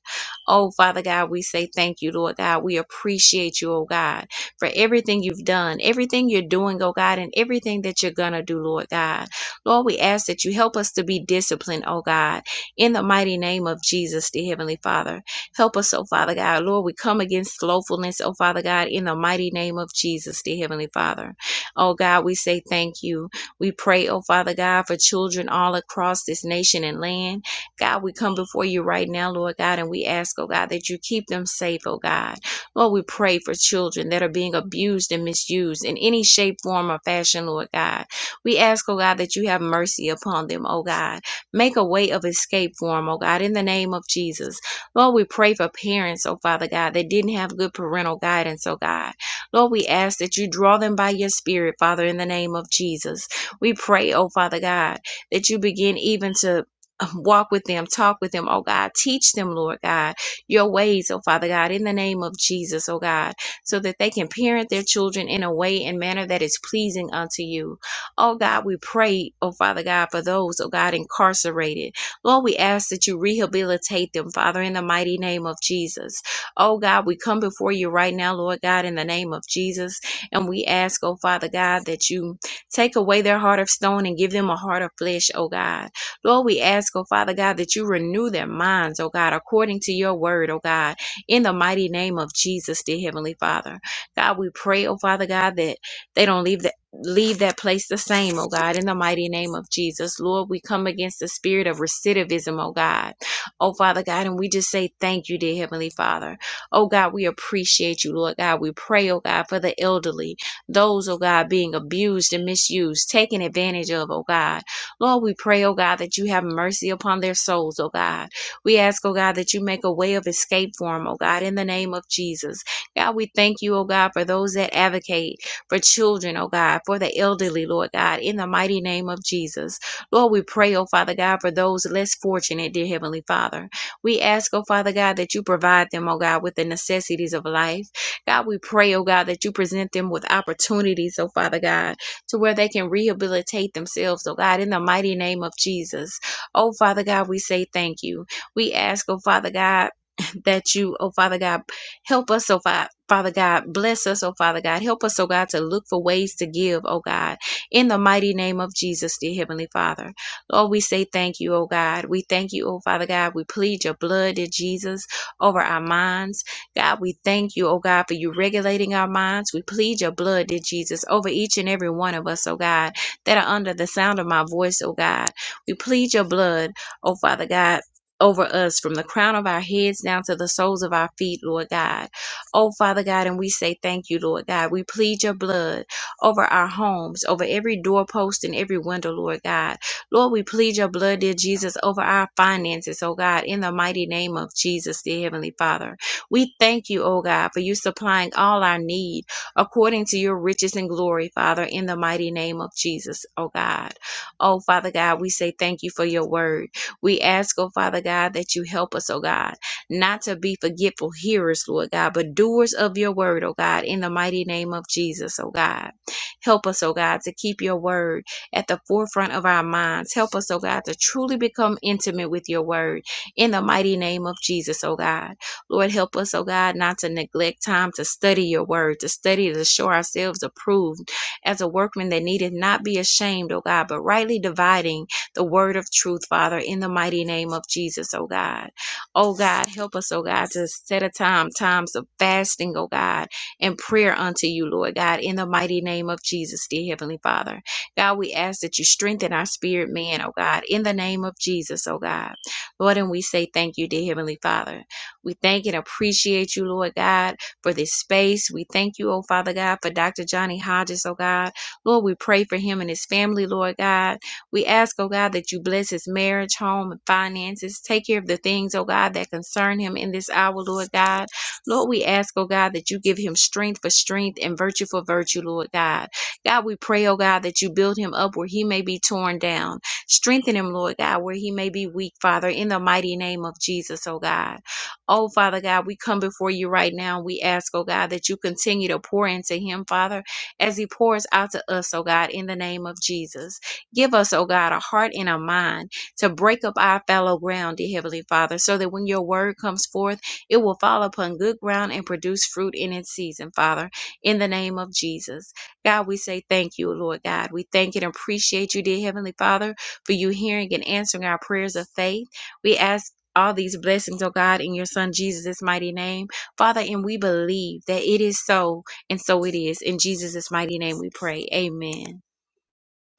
D: Oh, Father God, we say thank you, Lord God. We appreciate you, oh God, for everything you've done, everything you're doing, oh God, and everything that you're going to do, Lord God. Lord, we ask that you help us to be disciplined, oh God, in the mighty name of Jesus, the Heavenly Father. Help us, oh Father God. Lord, we come against slothfulness, oh Father God, in the mighty name of Jesus, the Heavenly Father. Oh God, we say thank you. We pray, oh Father God, for children all across this nation and land. God, we come before you right now, Lord God, and we ask, oh God, that you keep them safe, oh God. Lord, we pray for children that are being abused and misused in any shape, form, or fashion, Lord God. We ask, oh God, that you have mercy upon them, oh God. Make a way of escape for them, oh God, in the name of Jesus. Lord, we pray for parents, oh Father God, that didn't have good parental guidance, oh God. Lord, we ask that you draw them by your spirit, Father, in the name of Jesus. We pray, oh Father God, that you begin even to walk with them, talk with them, oh God. Teach them, Lord God, your ways, oh Father God, in the name of Jesus, oh God, so that they can parent their children in a way and manner that is pleasing unto you. Oh God, we pray, oh Father God, for those, oh God, incarcerated. Lord, we ask that you rehabilitate them, Father, in the mighty name of Jesus. Oh God, we come before you right now, Lord God, in the name of Jesus, and we ask, oh Father God, that you take away their heart of stone and give them a heart of flesh, oh God. Lord, we ask, oh Father God, that you renew their minds, oh God, according to your word, oh God, in the mighty name of Jesus, dear Heavenly Father. God, we pray, oh Father God, that they don't leave that leave that place the same, oh God, in the mighty name of Jesus. Lord, we come against the spirit of recidivism, oh God. Oh Father God, and we just say thank you, dear Heavenly Father. Oh God, we appreciate you, Lord God. We pray, oh God, for the elderly, those, oh God, being abused and misused, taken advantage of, oh God. Lord, we pray, oh God, that you have mercy upon their souls, oh God. We ask, oh God, that you make a way of escape for them, oh God, in the name of Jesus. God, we thank you, oh God, for those that advocate for children, oh God, for the elderly, Lord God, in the mighty name of Jesus. Lord, we pray, oh Father God, for those less fortunate, dear Heavenly Father. We ask, oh Father God, that you provide them, oh God, with the necessities of life. God, we pray, oh God, that you present them with opportunities, oh Father God, to where they can rehabilitate themselves, oh God, in the mighty name of Jesus. Oh, Father God, we say thank you. We ask, oh, Father God, that you, oh, Father God, help us, oh, Fa- Father God, bless us, oh Father God. Help us, oh God, to look for ways to give, oh God, in the mighty name of Jesus, dear Heavenly Father. Lord, we say thank you, oh God. We thank you, oh Father God. We plead your blood, dear Jesus, over our minds God, we thank you, oh God, for you regulating our minds. We plead your blood, dear Jesus, over each and every one of us, oh God, that are under the sound of my voice, oh God. We plead your blood, oh Father God. Over us from the crown of our heads down to the soles of our feet, Lord God. Oh, Father God, and we say thank you, Lord God. We plead your blood over our homes, over every doorpost and every window, Lord God. Lord, we plead your blood, dear Jesus, over our finances, oh God, in the mighty name of Jesus, dear Heavenly Father. We thank you, O God, for you supplying all our need according to your riches and glory, Father, in the mighty name of Jesus, O God. Oh, Father God, we say thank you for your word. We ask, oh, Father God, that you help us, oh God, not to be forgetful hearers, Lord God, but doers of your word, oh God, in the mighty name of Jesus, oh God. Help us, oh God, to keep your word at the forefront of our minds. Help us, oh God, to truly become intimate with your word in the mighty name of Jesus, oh God. Lord, help us, oh God, not to neglect time to study your word, to study to show ourselves approved as a workman that needeth not be ashamed, oh God, but rightly dividing the word of truth, Father, in the mighty name of Jesus, oh God. Oh God, help us, oh God, to set a time, times of fasting, oh God, and prayer unto you, Lord God, in the mighty name of Jesus, dear Heavenly Father. God, we ask that you strengthen our spirit man, oh God, in the name of Jesus, oh God. Lord, and we say thank you, dear Heavenly Father. We thank and appreciate you, Lord God, for this space. We thank you, oh Father God, for Dr. Johnny Hodges, oh God. Lord, we pray for him and his family, Lord God. We ask, oh God, that you bless his marriage, home, and finances. Take care of the things, oh God, that concern him in this hour, Lord God. Lord, we ask, oh God, that you give him strength for strength and virtue for virtue, Lord God. God, we pray, oh God, that you build him up where he may be torn down. Strengthen him, Lord God, where he may be weak, Father, in the mighty name of Jesus, oh God. Oh, Father God, we come before you right now. We ask, oh God, that you continue to pour into him, Father, as he pours out to us, oh God, in the name of Jesus. Give us, oh God, a heart and a mind to break up our fallow ground, dear Heavenly Father, so that when your word comes forth, it will fall upon good ground and produce fruit in its season, Father, in the name of Jesus. God, we say thank you, Lord God. We thank and appreciate you, dear Heavenly Father, for you hearing and answering our prayers of faith. We ask all these blessings, oh God, in your Son Jesus' mighty name. Father, and we believe that it is so, and so it is. In Jesus' mighty name we pray. Amen.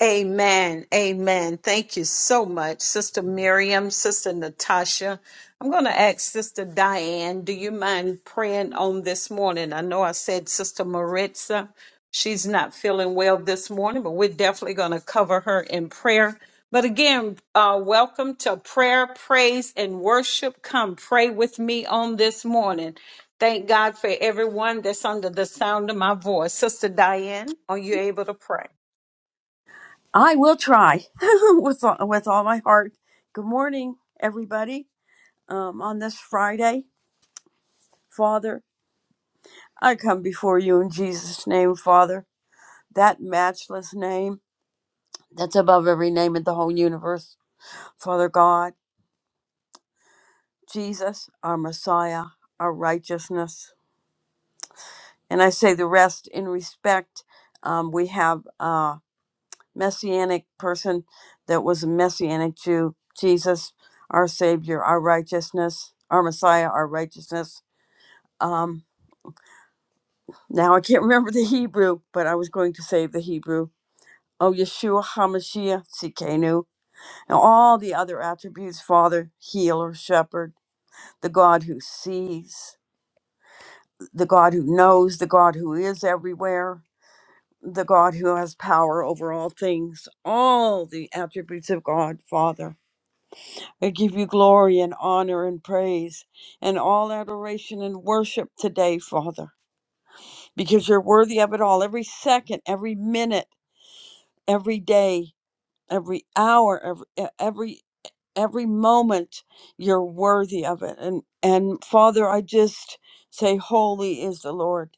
C: Amen. Amen. Thank you so much, Sister Miriam, Sister Natasha. I'm going to ask Sister Diane, do you mind praying on this morning? I know I said Sister Maritza, she's not feeling well this morning, but we're definitely going to cover her in prayer. But again, uh, welcome to prayer, praise, and worship. Come pray with me on this morning. Thank God for everyone that's under the sound of my voice. Sister Diane, are you able to pray?
F: I will try with all, with all my heart. Good morning, everybody. Um, on this Friday, Father, I come before you in Jesus' name, Father, that matchless name that's above every name in the whole universe. Father God, Jesus, our Messiah, our righteousness, and I say the rest in respect. Um, we have. uh, messianic person that was a messianic Jew, Jesus, our Savior, our righteousness, our Messiah, our righteousness. Um, now I can't remember the Hebrew, but I was going to say the Hebrew. Oh, Yeshua HaMashiach, Sikenu, and all the other attributes Father, Healer, Shepherd, the God who sees, the God who knows, the God who is everywhere, the God who has power over all things, all the attributes of God, Father. I give you glory and honor and praise and all adoration and worship today, Father, because you're worthy of it all. Every second, every minute, every day, every hour, every e- every every moment, you're worthy of it. And and Father, I just say, Holy is the Lord.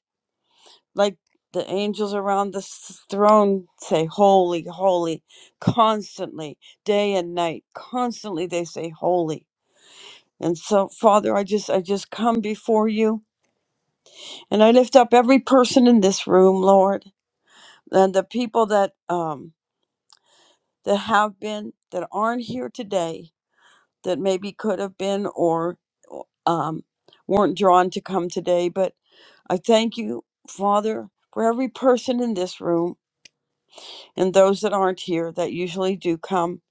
F: Like the angels around the s- throne say, Holy, holy, constantly, day and night, constantly they say, Holy. And so, Father, I just I just come before you, and I lift up every person in this room, Lord, and the people that um that have been that aren't here today, that maybe could have been or um weren't drawn to come today. But I thank you, Father, for every person in this room and those that aren't here that usually do come,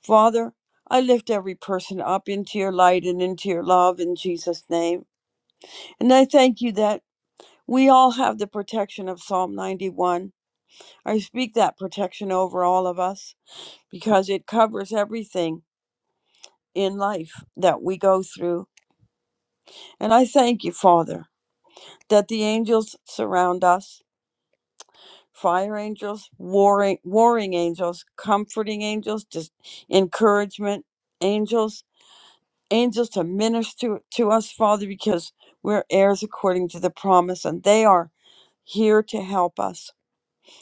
F: Father. I lift every person up into your light and into your love in Jesus' name. And I thank you that. We all have the protection of Psalm 91. I speak that protection over all of us because it covers everything in life that we go through. And I thank you, Father, that the angels surround us fire angels, warring, warring angels, comforting angels, just encouragement angels, angels to minister to us, Father, because we're heirs according to the promise and they are here to help us.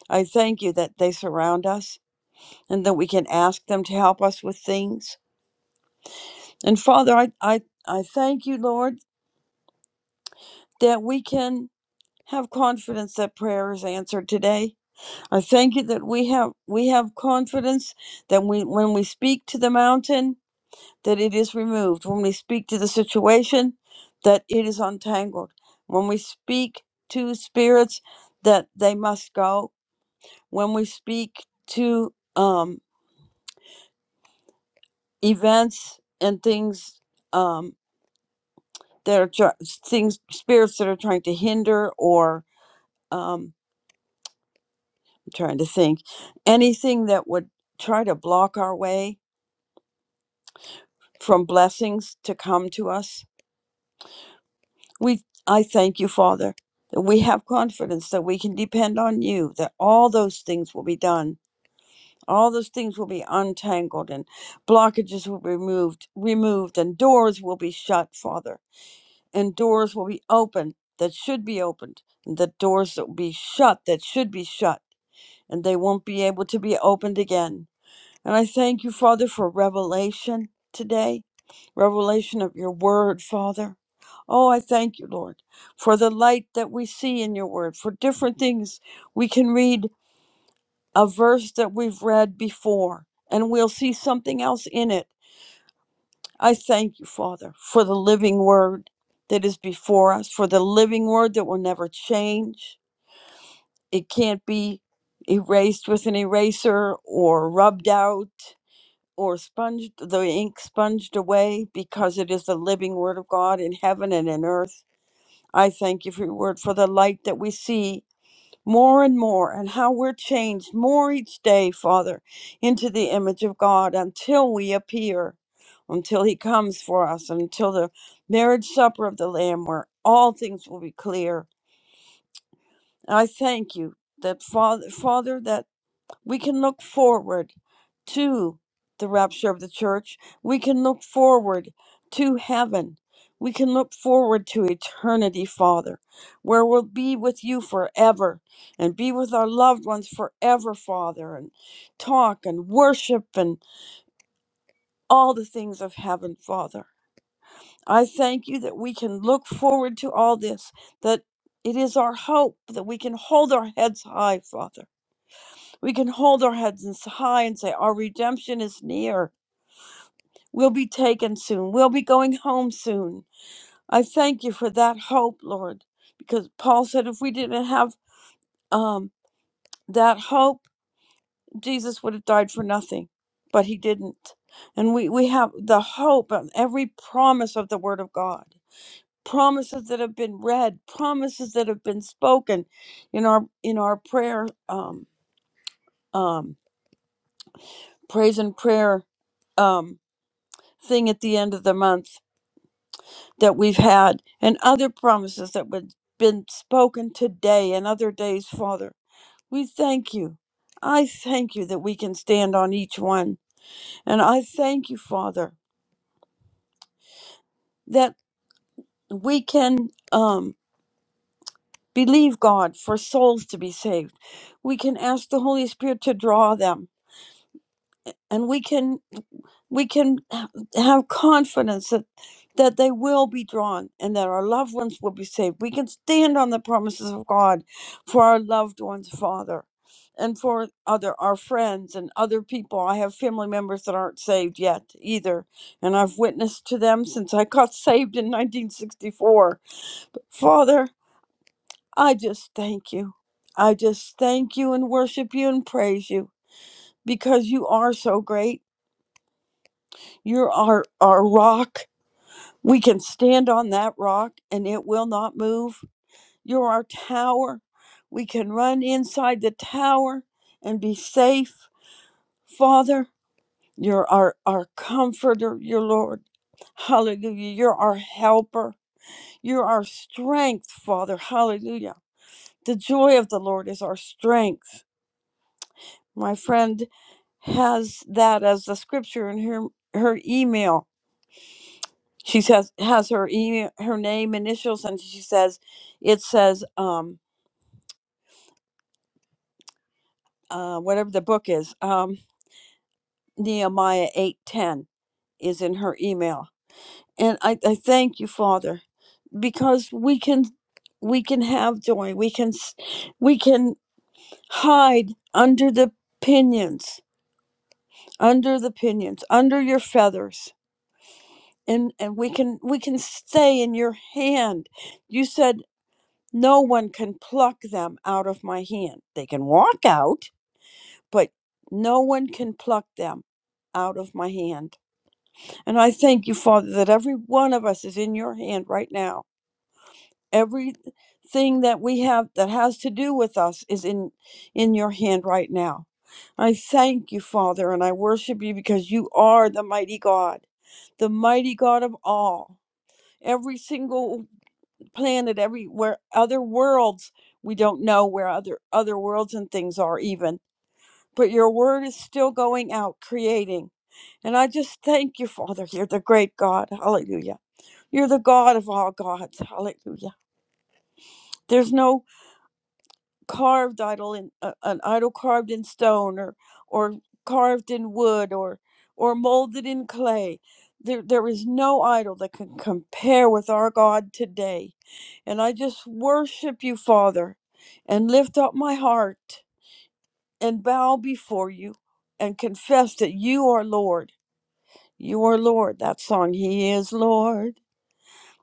F: I thank you that they surround us and that we can ask them to help us with things. And Father, I, I, I thank you, Lord, that we can have confidence that prayer is answered today. I thank you that we have we have confidence that we when we speak to the mountain that it is removed. When we speak to the situation that it is untangled. When we speak to spirits that they must go. When we speak to um, events and things um. that are try- things spirits that are trying to hinder or um I'm trying to think anything that would try to block our way from blessings to come to us we i thank you father that we have confidence that we can depend on you that all those things will be done all those things will be untangled and blockages will be removed removed and doors will be shut father and doors will be open that should be opened and the doors that will be shut that should be shut and they won't be able to be opened again. And I thank you, Father, for revelation today, revelation of your word, Father. Oh, I thank you, Lord, for the light that we see in your word, for different things. We can read a verse that we've read before, and we'll see something else in it. I thank you, Father, for the living word that is before us, for the living word that will never change it can't be erased with an eraser or rubbed out or sponged the ink sponged away because it is the living word of God in heaven and in earth. I thank you for your word for the light that we see more and more and how we're changed more each day, Father, into the image of God until we appear, until he comes for us, until the marriage supper of the Lamb where all things will be clear. I thank you that Father Father that we can look forward to the rapture of the church. We can look forward to heaven. We can look forward to eternity, Father, where we'll be with you forever and be with our loved ones forever, Father, and talk and worship and all the things of heaven, Father. I thank you that we can look forward to all this, that it is our hope that we can hold our heads high, Father we can hold our heads in high and say, Our redemption is near. We'll be taken soon. We'll be going home soon. I thank you for that hope, Lord, because Paul said if we didn't have um, that hope, Jesus would have died for nothing, but he didn't. And we, we have the hope of every promise of the Word of God, promises that have been read, promises that have been spoken in our in our prayer um, um, praise and prayer um. thing at the end of the month that we've had and other promises that have been spoken today and other days, Father. We thank you. I thank you that we can stand on each one. And I thank you, Father, that we can um, believe God for souls to be saved. We can ask the Holy Spirit to draw them. And we can we can ha- have confidence that that they will be drawn and that our loved ones will be saved. We can stand on the promises of God for our loved ones, Father, and for other our friends and other people. I have family members that aren't saved yet either, and I've witnessed to them since I got saved in 1964. Father, I just thank you. I just thank you and worship you and praise you because you are so great. You're our, our rock We can stand on that rock and it will not move. You're our tower. We can run inside the tower and be safe. Father, you're our, our comforter, your Lord. Hallelujah. You're our helper. You're our strength, Father. Hallelujah. The joy of the Lord is our strength. My friend has that as the scripture in her, her email she says has her e- her name initials and she says it says um uh whatever the book is um nehemiah 810 is in her email and i i thank you father because we can we can have joy we can s- we can hide under the pinions under the pinions under your feathers and and we can we can stay in your hand you said No one can pluck them out of my hand. They can walk out, but no one can pluck them out of my hand. And I thank you, Father, that every one of us is in your hand right now. Everything that we have that has to do with us is in in your hand right now. I thank you, Father, and I worship you because you are the mighty God, the mighty God of all. Every single planet everywhere, other worlds we don't know where other other worlds and things are even but your word is still going out creating and i just thank you father you're the great god hallelujah you're the god of all gods hallelujah there's no carved idol in uh, an idol carved in stone or or carved in wood or or molded in clay there there is no idol that can compare with our god today and i just worship you father and lift up my heart and bow before you and confess that you are lord you are lord that song he is lord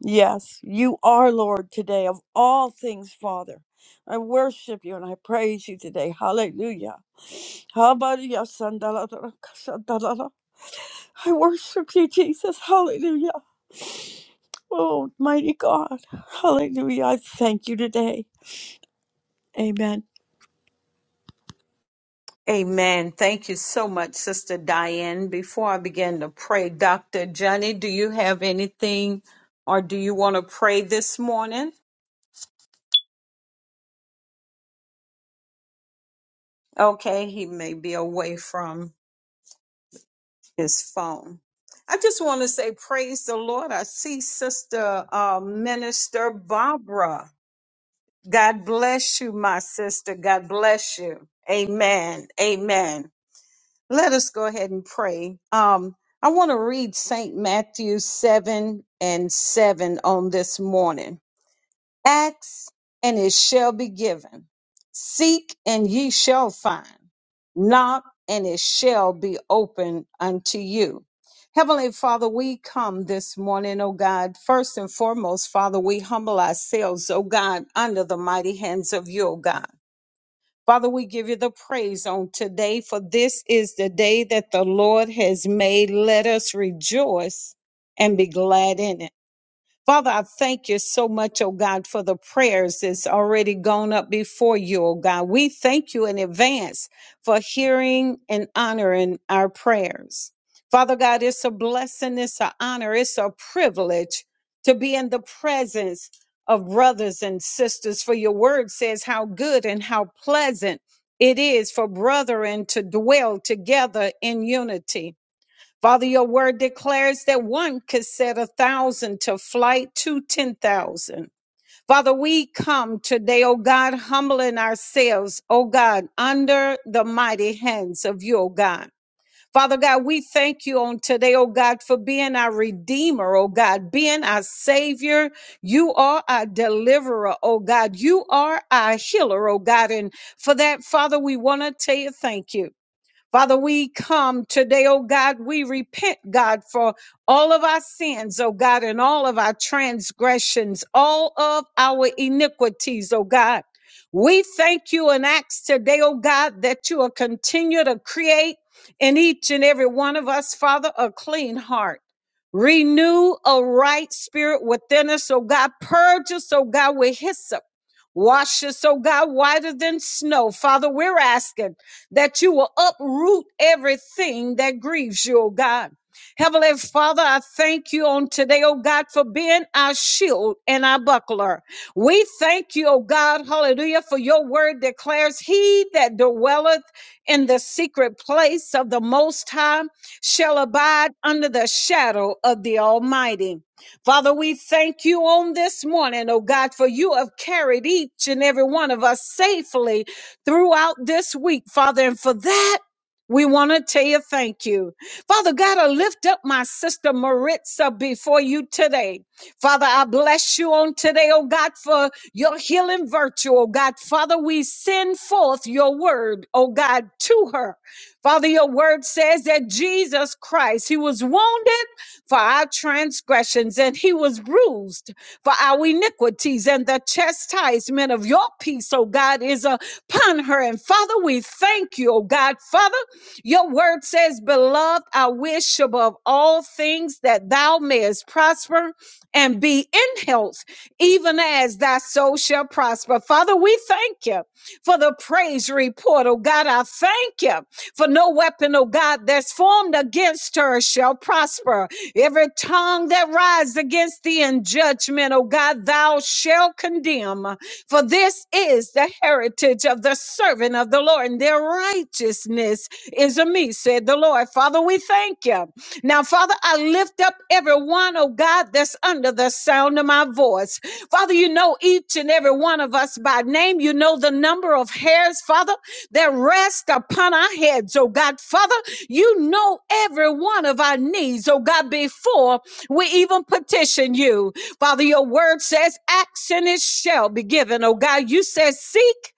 F: Yes, you are Lord today of all things, Father. I worship you and I praise you today. Hallelujah. Hallelujah. Sandalala- sandalala. I worship you, Jesus. Hallelujah. Oh, mighty God. Hallelujah. I thank you today. Amen.
C: Amen. Thank you so much, Sister Diane. Before I begin to pray, Dr. Johnny, do you have anything or do you want to pray this morning? Okay, he may be away from his phone. I just want to say, praise the Lord. I see Sister uh, Minister Barbara. God bless you, my sister. God bless you. Amen. Amen. Let us go ahead and pray. Um, I want to read St. Matthew 7 and 7 on this morning. Ask and it shall be given. Seek and ye shall find. Knock and it shall be opened unto you. Heavenly Father, we come this morning, O God. First and foremost, Father, we humble ourselves, O God, under the mighty hands of you, O God. Father, we give you the praise on today, for this is the day that the Lord has made. Let us rejoice and be glad in it. Father, I thank you so much, oh God, for the prayers that's already gone up before you, oh God. We thank you in advance for hearing and honoring our prayers. Father God, it's a blessing, it's an honor, it's a privilege to be in the presence of brothers and sisters, for your word says how good and how pleasant it is for brethren to dwell together in unity. Father, your word declares that one could set a thousand to flight to 10,000. Father, we come today, oh God, humbling ourselves, oh God, under the mighty hands of you, oh God. Father God, we thank you on today, oh God, for being our Redeemer, oh God, being our Savior. You are our deliverer, oh God. You are our healer, oh God. And for that, Father, we want to tell you thank you. Father, we come today, oh God, we repent, God, for all of our sins, oh God, and all of our transgressions, all of our iniquities, oh God. We thank you and ask today, oh God, that you will continue to create in each and every one of us, Father, a clean heart. Renew a right spirit within us, oh God. Purge us, oh God, with hyssop. Wash us, oh God, whiter than snow. Father, we're asking that you will uproot everything that grieves you, oh God. Heavenly Father, I thank you on today, oh God, for being our shield and our buckler. We thank you, oh God, hallelujah, for your word declares, He that dwelleth in the secret place of the Most High shall abide under the shadow of the Almighty. Father, we thank you on this morning, oh God, for you have carried each and every one of us safely throughout this week, Father. And for that, we want to tell you thank you. Father God, I lift up my sister Maritza before you today. Father, I bless you on today, oh God, for your healing virtue, oh God. Father, we send forth your word, oh God, to her. Father, your word says that Jesus Christ, he was wounded for our transgressions and he was bruised for our iniquities and the chastisement of your peace, oh God, is upon her. And Father, we thank you, oh God. Father, your word says, Beloved, I wish above all things that thou mayest prosper and be in health, even as thy soul shall prosper. Father, we thank you for the praise report, oh God. I thank you. For no weapon, oh God, that's formed against her shall prosper. Every tongue that rises against thee in judgment, oh God, thou shalt condemn. For this is the heritage of the servant of the Lord, and their righteousness is of me, said the Lord. Father, we thank you. Now, Father, I lift up everyone, oh God, that's under the sound of my voice. Father, you know each and every one of us by name. You know the number of hairs, Father that rest upon our heads, oh God. Father, you know every one of our needs, oh God, before we even petition you. Father, your word says, ask and it shall be given, oh God. You said, seek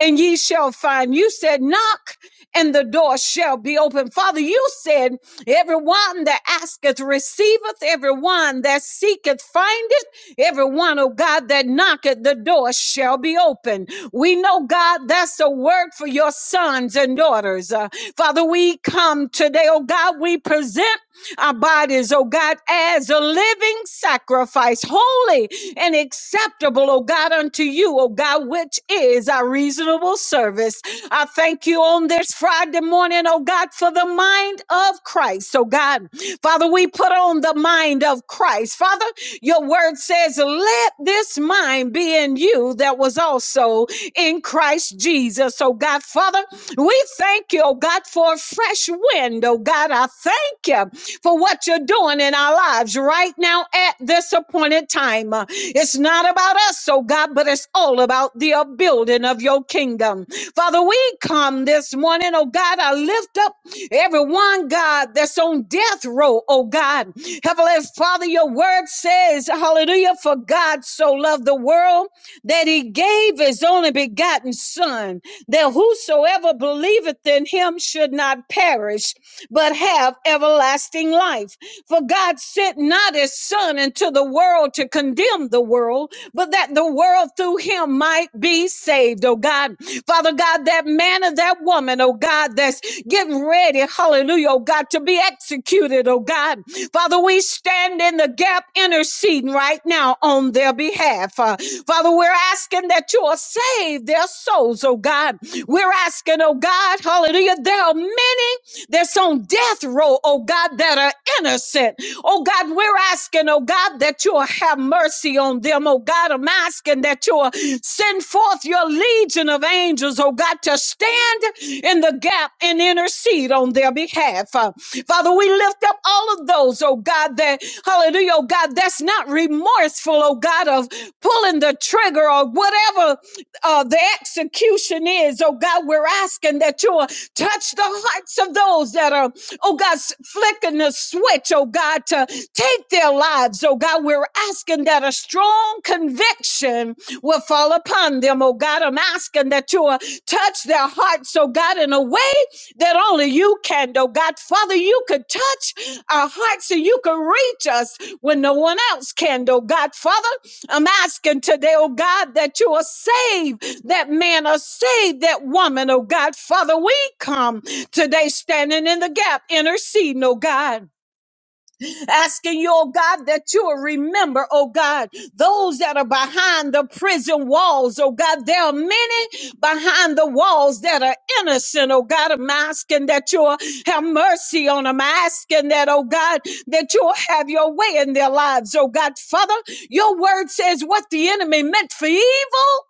C: and ye shall find. You said, knock and the door shall be open. Father, you said, everyone that asketh receiveth, everyone that seeketh findeth, everyone, oh God, that knocketh, the door shall be open. We know, God, that's a word for your sons and daughters. Uh, Father, we come today, oh God, we present our bodies, oh God, as a living sacrifice, holy and acceptable, oh God, unto you, oh God, which is our reasonable service. I thank you on this Friday morning, oh God, for the mind of Christ, oh God. Father, we put on the mind of Christ. Father, your word says, let this mind be in you that was also in Christ Jesus, oh God. Father, we thank you, oh God, for a fresh wind, oh God. I thank thank you for what you're doing in our lives right now at this appointed time. Uh, It's not about us, oh God, but it's all about the building of your kingdom. Father, we come this morning, oh God, I lift up everyone, God, that's on death row, oh God. Heavenly Father, your word says, hallelujah, for God so loved the world that he gave his only begotten son, that whosoever believeth in him should not perish, but have everlasting life. For God sent not his son into the world to condemn the world, but that the world through him might be saved. Oh God, Father God, that man and that woman, oh God, that's getting ready, hallelujah, oh God, to be executed, oh God. Father, we stand in the gap interceding right now on their behalf. Uh, Father, we're asking that you will save their souls, oh God. We're asking, oh God, hallelujah, there are many that's on death row, oh God, that are innocent. Oh God, we're asking, oh God, that you'll have mercy on them. Oh God, I'm asking that you'll send forth your legion of angels, oh God, to stand in the gap and intercede on their behalf. Uh, Father, we lift up all of those, oh God, that, hallelujah, oh God, that's not remorseful, oh God, of pulling the trigger or whatever uh, the execution is. Oh God, we're asking that you'll touch the hearts of those that are, oh God, flicking the switch, oh God, to take their lives. Oh God, we're asking that a strong conviction will fall upon them. Oh God, I'm asking that you'll touch their hearts, oh God, in a way that only you can, oh God. Father, you could touch our hearts and you can reach us when no one else can, oh God. Father, I'm asking today, oh God, that you are saved, that man are saved, that woman, oh God. Father, we come today standing in the gap, interceding, oh God, asking you, oh God, that you will remember, oh God, those that are behind the prison walls, oh God. There are many behind the walls that are innocent, oh God. I'm asking that you will have mercy on them. I'm asking that, oh God, that you will have your way in their lives, oh God. Father, your word says what the enemy meant for evil,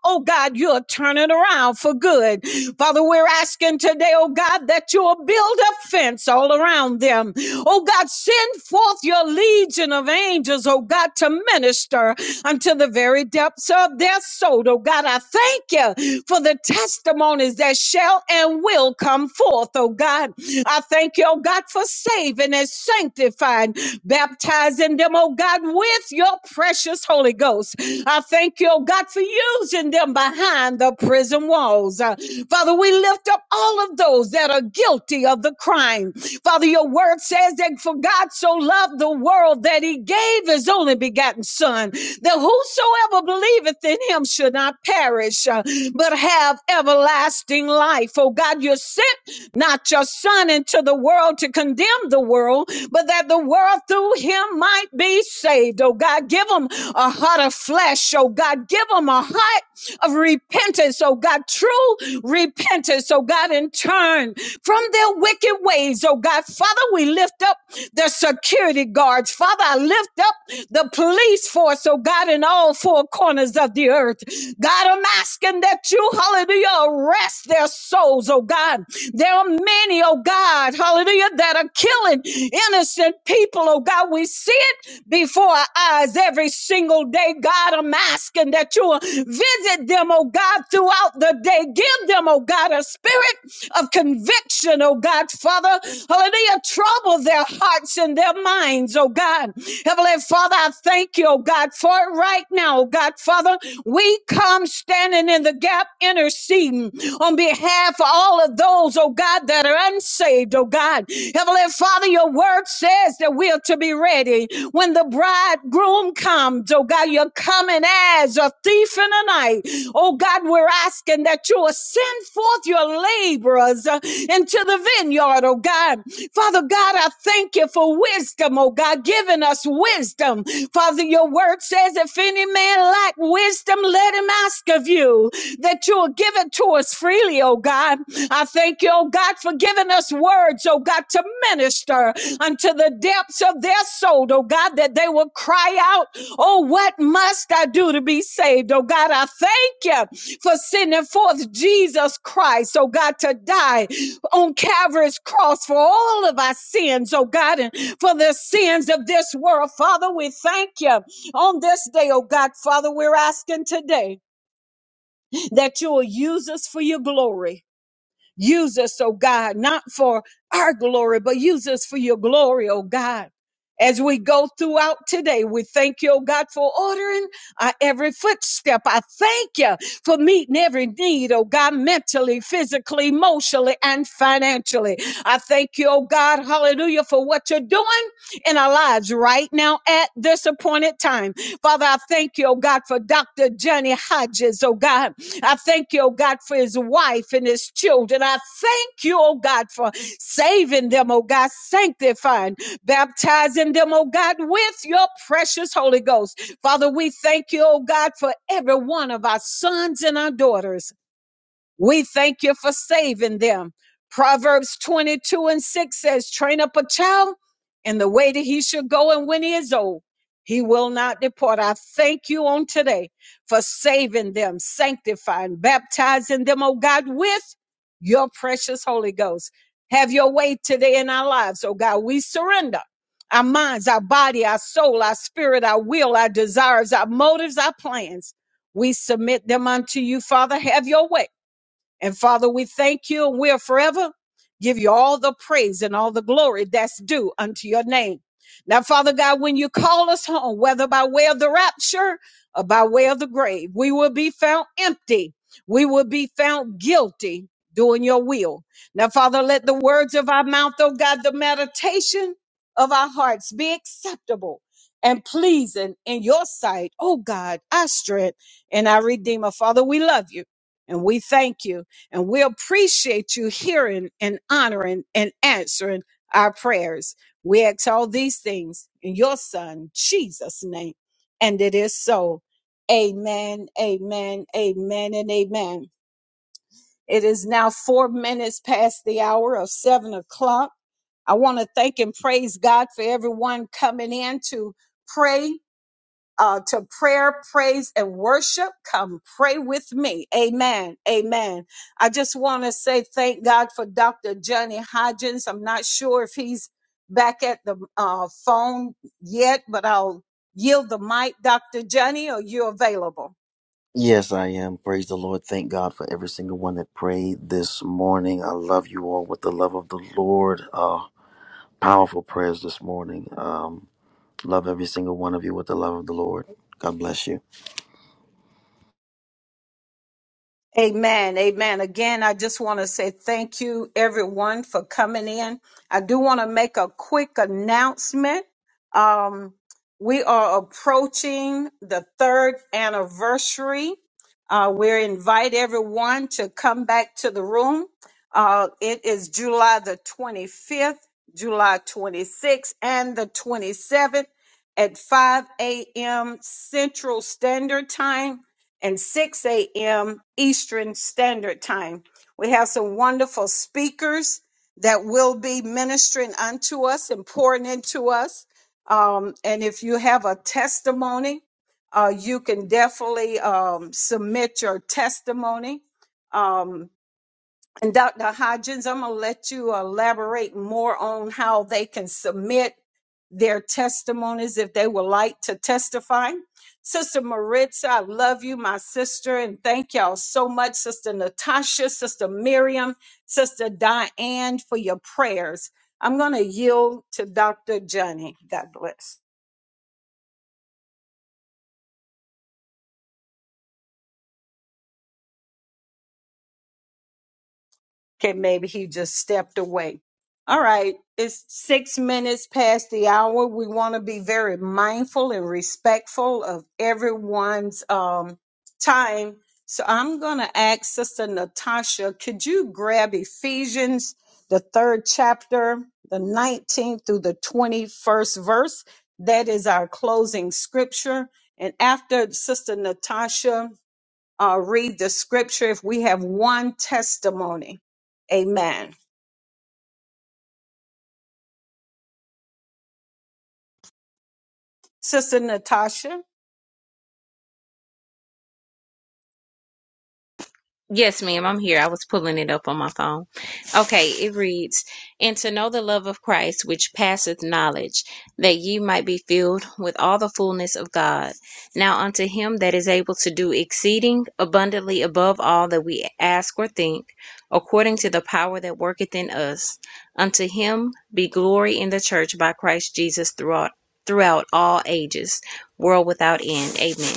C: oh God, you're turning around for good. Father, we're asking today, oh God, that you'll build a fence all around them. Oh God, send forth your legion of angels, oh God, to minister unto the very depths of their soul. Oh God, I thank you for the testimonies that shall and will come forth, oh God. I thank you, oh God, for saving and sanctifying, baptizing them, oh God, with your precious Holy Ghost. I thank you, oh God, for using them behind the prison walls. Uh, Father, we lift up all of those that are guilty of the crime. Father, your word says that for God so loved the world that he gave but gave his only begotten son, that whosoever believeth in him should not perish, uh, but have everlasting life. Oh God, you sent not your son into the world to condemn the world, but that the world through him might be saved. Oh God, give them a heart of flesh. Oh God, give them a heart of repentance, oh God, true repentance, oh God, and turn from their wicked ways, oh God. Father, we lift up the security guards. Father, I lift up the police force, oh God, in all four corners of the earth. God, I'm asking that you, hallelujah, arrest their souls, oh God. There are many, oh God, hallelujah, that are killing innocent people people, oh God. We see it before our eyes every single day. God, I'm asking that you will visit them, oh God, throughout the day. Give them, oh God, a spirit of conviction, oh God, Father. Hallelujah. Trouble their hearts and their minds, oh God. Heavenly Father, I thank you, oh God, for it right now, oh God, Father. We come standing in the gap, interceding mm, on behalf of all of those, oh God, that are unsaved, oh God. Heavenly Father, your word says that we are to be ready when the bridegroom comes, oh God. You're coming as a thief in the night. Oh God, we're asking that you will send forth your laborers uh, into the vineyard, oh God. Father God, I thank you for wisdom, oh God, giving us wisdom wisdom. Father, your word says, if any man lack wisdom, let him ask of you that you will give it to us freely, oh God. I thank you, oh God, for giving us words, oh God, to minister unto the depths of their soul, oh God, that they will cry out, oh, what must I do to be saved? Oh God, I thank you for sending forth Jesus Christ, oh God, to die on Calvary's cross for all of our sins, oh God. and for the sins of this world. Father, we thank you on this day, oh God. Father, we're asking today that you will use us for your glory. Use us, oh God, not for our glory, but use us for your glory, oh God. As we go throughout today, we thank you, oh God, for ordering our every footstep. I thank you for meeting every need, oh God, mentally, physically, emotionally, and financially. I thank you, oh God, hallelujah, for what you're doing in our lives right now at this appointed time. Father, I thank you, oh God, for Dr. Johnny Hodges, oh God. I thank you, oh God, for his wife and his children. I thank you, oh God, for saving them, oh God, sanctifying, baptizing them, oh God, with your precious Holy Ghost. Father, we thank you, oh God, for every one of our sons and our daughters. We thank you for saving them. Proverbs 22 and 6 says, Train up a child in the way that he should go, and when he is old, he will not depart. I thank you on today for saving them, sanctifying, baptizing them, oh God, with your precious Holy Ghost. Have your way today in our lives, oh God. We surrender our minds, our body, our soul, our spirit, our will, our desires, our motives, our plans. We submit them unto you, Father. Have your way and Father, we thank you and we'll forever give you all the praise and all the glory that's due unto your name. Now, Father God, when you call us home, whether by way of the rapture or by way of the grave, we will be found empty. We will be found guilty doing your will. Now, Father, let the words of our mouth, oh God, the meditation of our hearts be acceptable and pleasing in your sight, oh God, our strength and our Redeemer. Father, we love you and we thank you. And we appreciate you hearing and honoring and answering our prayers. We ask all these things in your son, Jesus' name. And it is so. Amen, amen, amen, and amen. It is now four minutes past the hour of seven o'clock. I want to thank and praise God for everyone coming in to pray uh, to prayer, praise, and worship, come pray with me. Amen. Amen. I just want to say thank God for Dr. Johnny Hodgins. I'm not sure if he's back at the uh, phone yet, but I'll yield the mic, Dr. Johnny. Are you available?
B: Yes, I am. Praise the Lord. Thank God for every single one that prayed this morning. I love you all with the love of the Lord. Uh, powerful prayers this morning. Um, love every single one of you with the love of the Lord. God bless you.
C: Amen. Amen. Again, I just want to say thank you everyone for coming in. I do want to make a quick announcement. Um, we are approaching the third anniversary. Uh, we're invite everyone to come back to the room. Uh, it is July the 25th, July 26th, and the 27th at 5 a.m. Central Standard Time and 6 a.m. Eastern Standard Time. We have some wonderful speakers that will be ministering unto us and pouring into us. Um, and if you have a testimony, uh, you can definitely um, submit your testimony. Um, and Dr. Hodgins, I'm going to let you elaborate more on how they can submit their testimonies if they would like to testify. Sister Maritza, I love you, my sister, and thank y'all so much, Sister Natasha, Sister Miriam, Sister Diane, for your prayers. I'm going to yield to Dr. Johnny. God bless. Okay, maybe he just stepped away. All right, it's six minutes past the hour. We want to be very mindful and respectful of everyone's um, time. So I'm going to ask Sister Natasha, could you grab Ephesians, the third chapter, the 19th through the 21st verse? That is our closing scripture. And after Sister Natasha, uh, read the scripture if we have one testimony. Amen. Sister Natasha.
D: Yes, ma'am, I'm here. I was pulling it up on my phone. Okay, it reads, And to know the love of Christ, which passeth knowledge, that ye might be filled with all the fullness of God. Now unto him that is able to do exceeding abundantly above all that we ask or think, according to the power that worketh in us, unto him be glory in the church by Christ Jesus throughout, throughout all ages, world without end. Amen.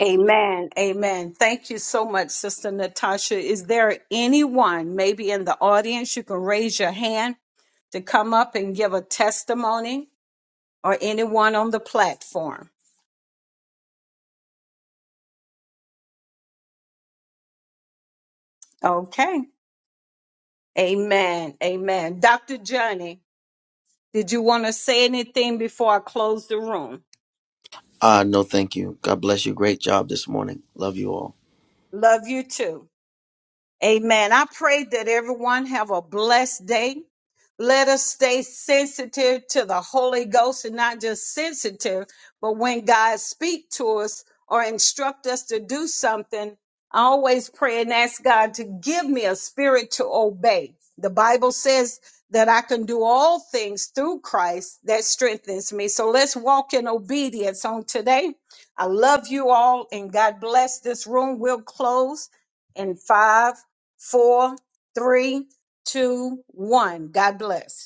C: Amen. Amen. Thank you so much, Sister Natasha. Is there anyone maybe in the audience you can raise your hand to come up and give a testimony or anyone on the platform? Okay. Amen. Amen. Dr. Johnny, did you want to say anything before I close the room?
B: Uh, no, thank you. God bless you. Great job this morning. Love you all.
C: Love you too. Amen. I pray that everyone have a blessed day. Let us stay sensitive to the Holy Ghost and not just sensitive, but when God speak to us or instruct us to do something, I always pray and ask God to give me a spirit to obey. The Bible says that I can do all things through Christ that strengthens me. So let's walk in obedience on today. I love you all and God bless this room. We'll close in five four, three, two, one. God bless.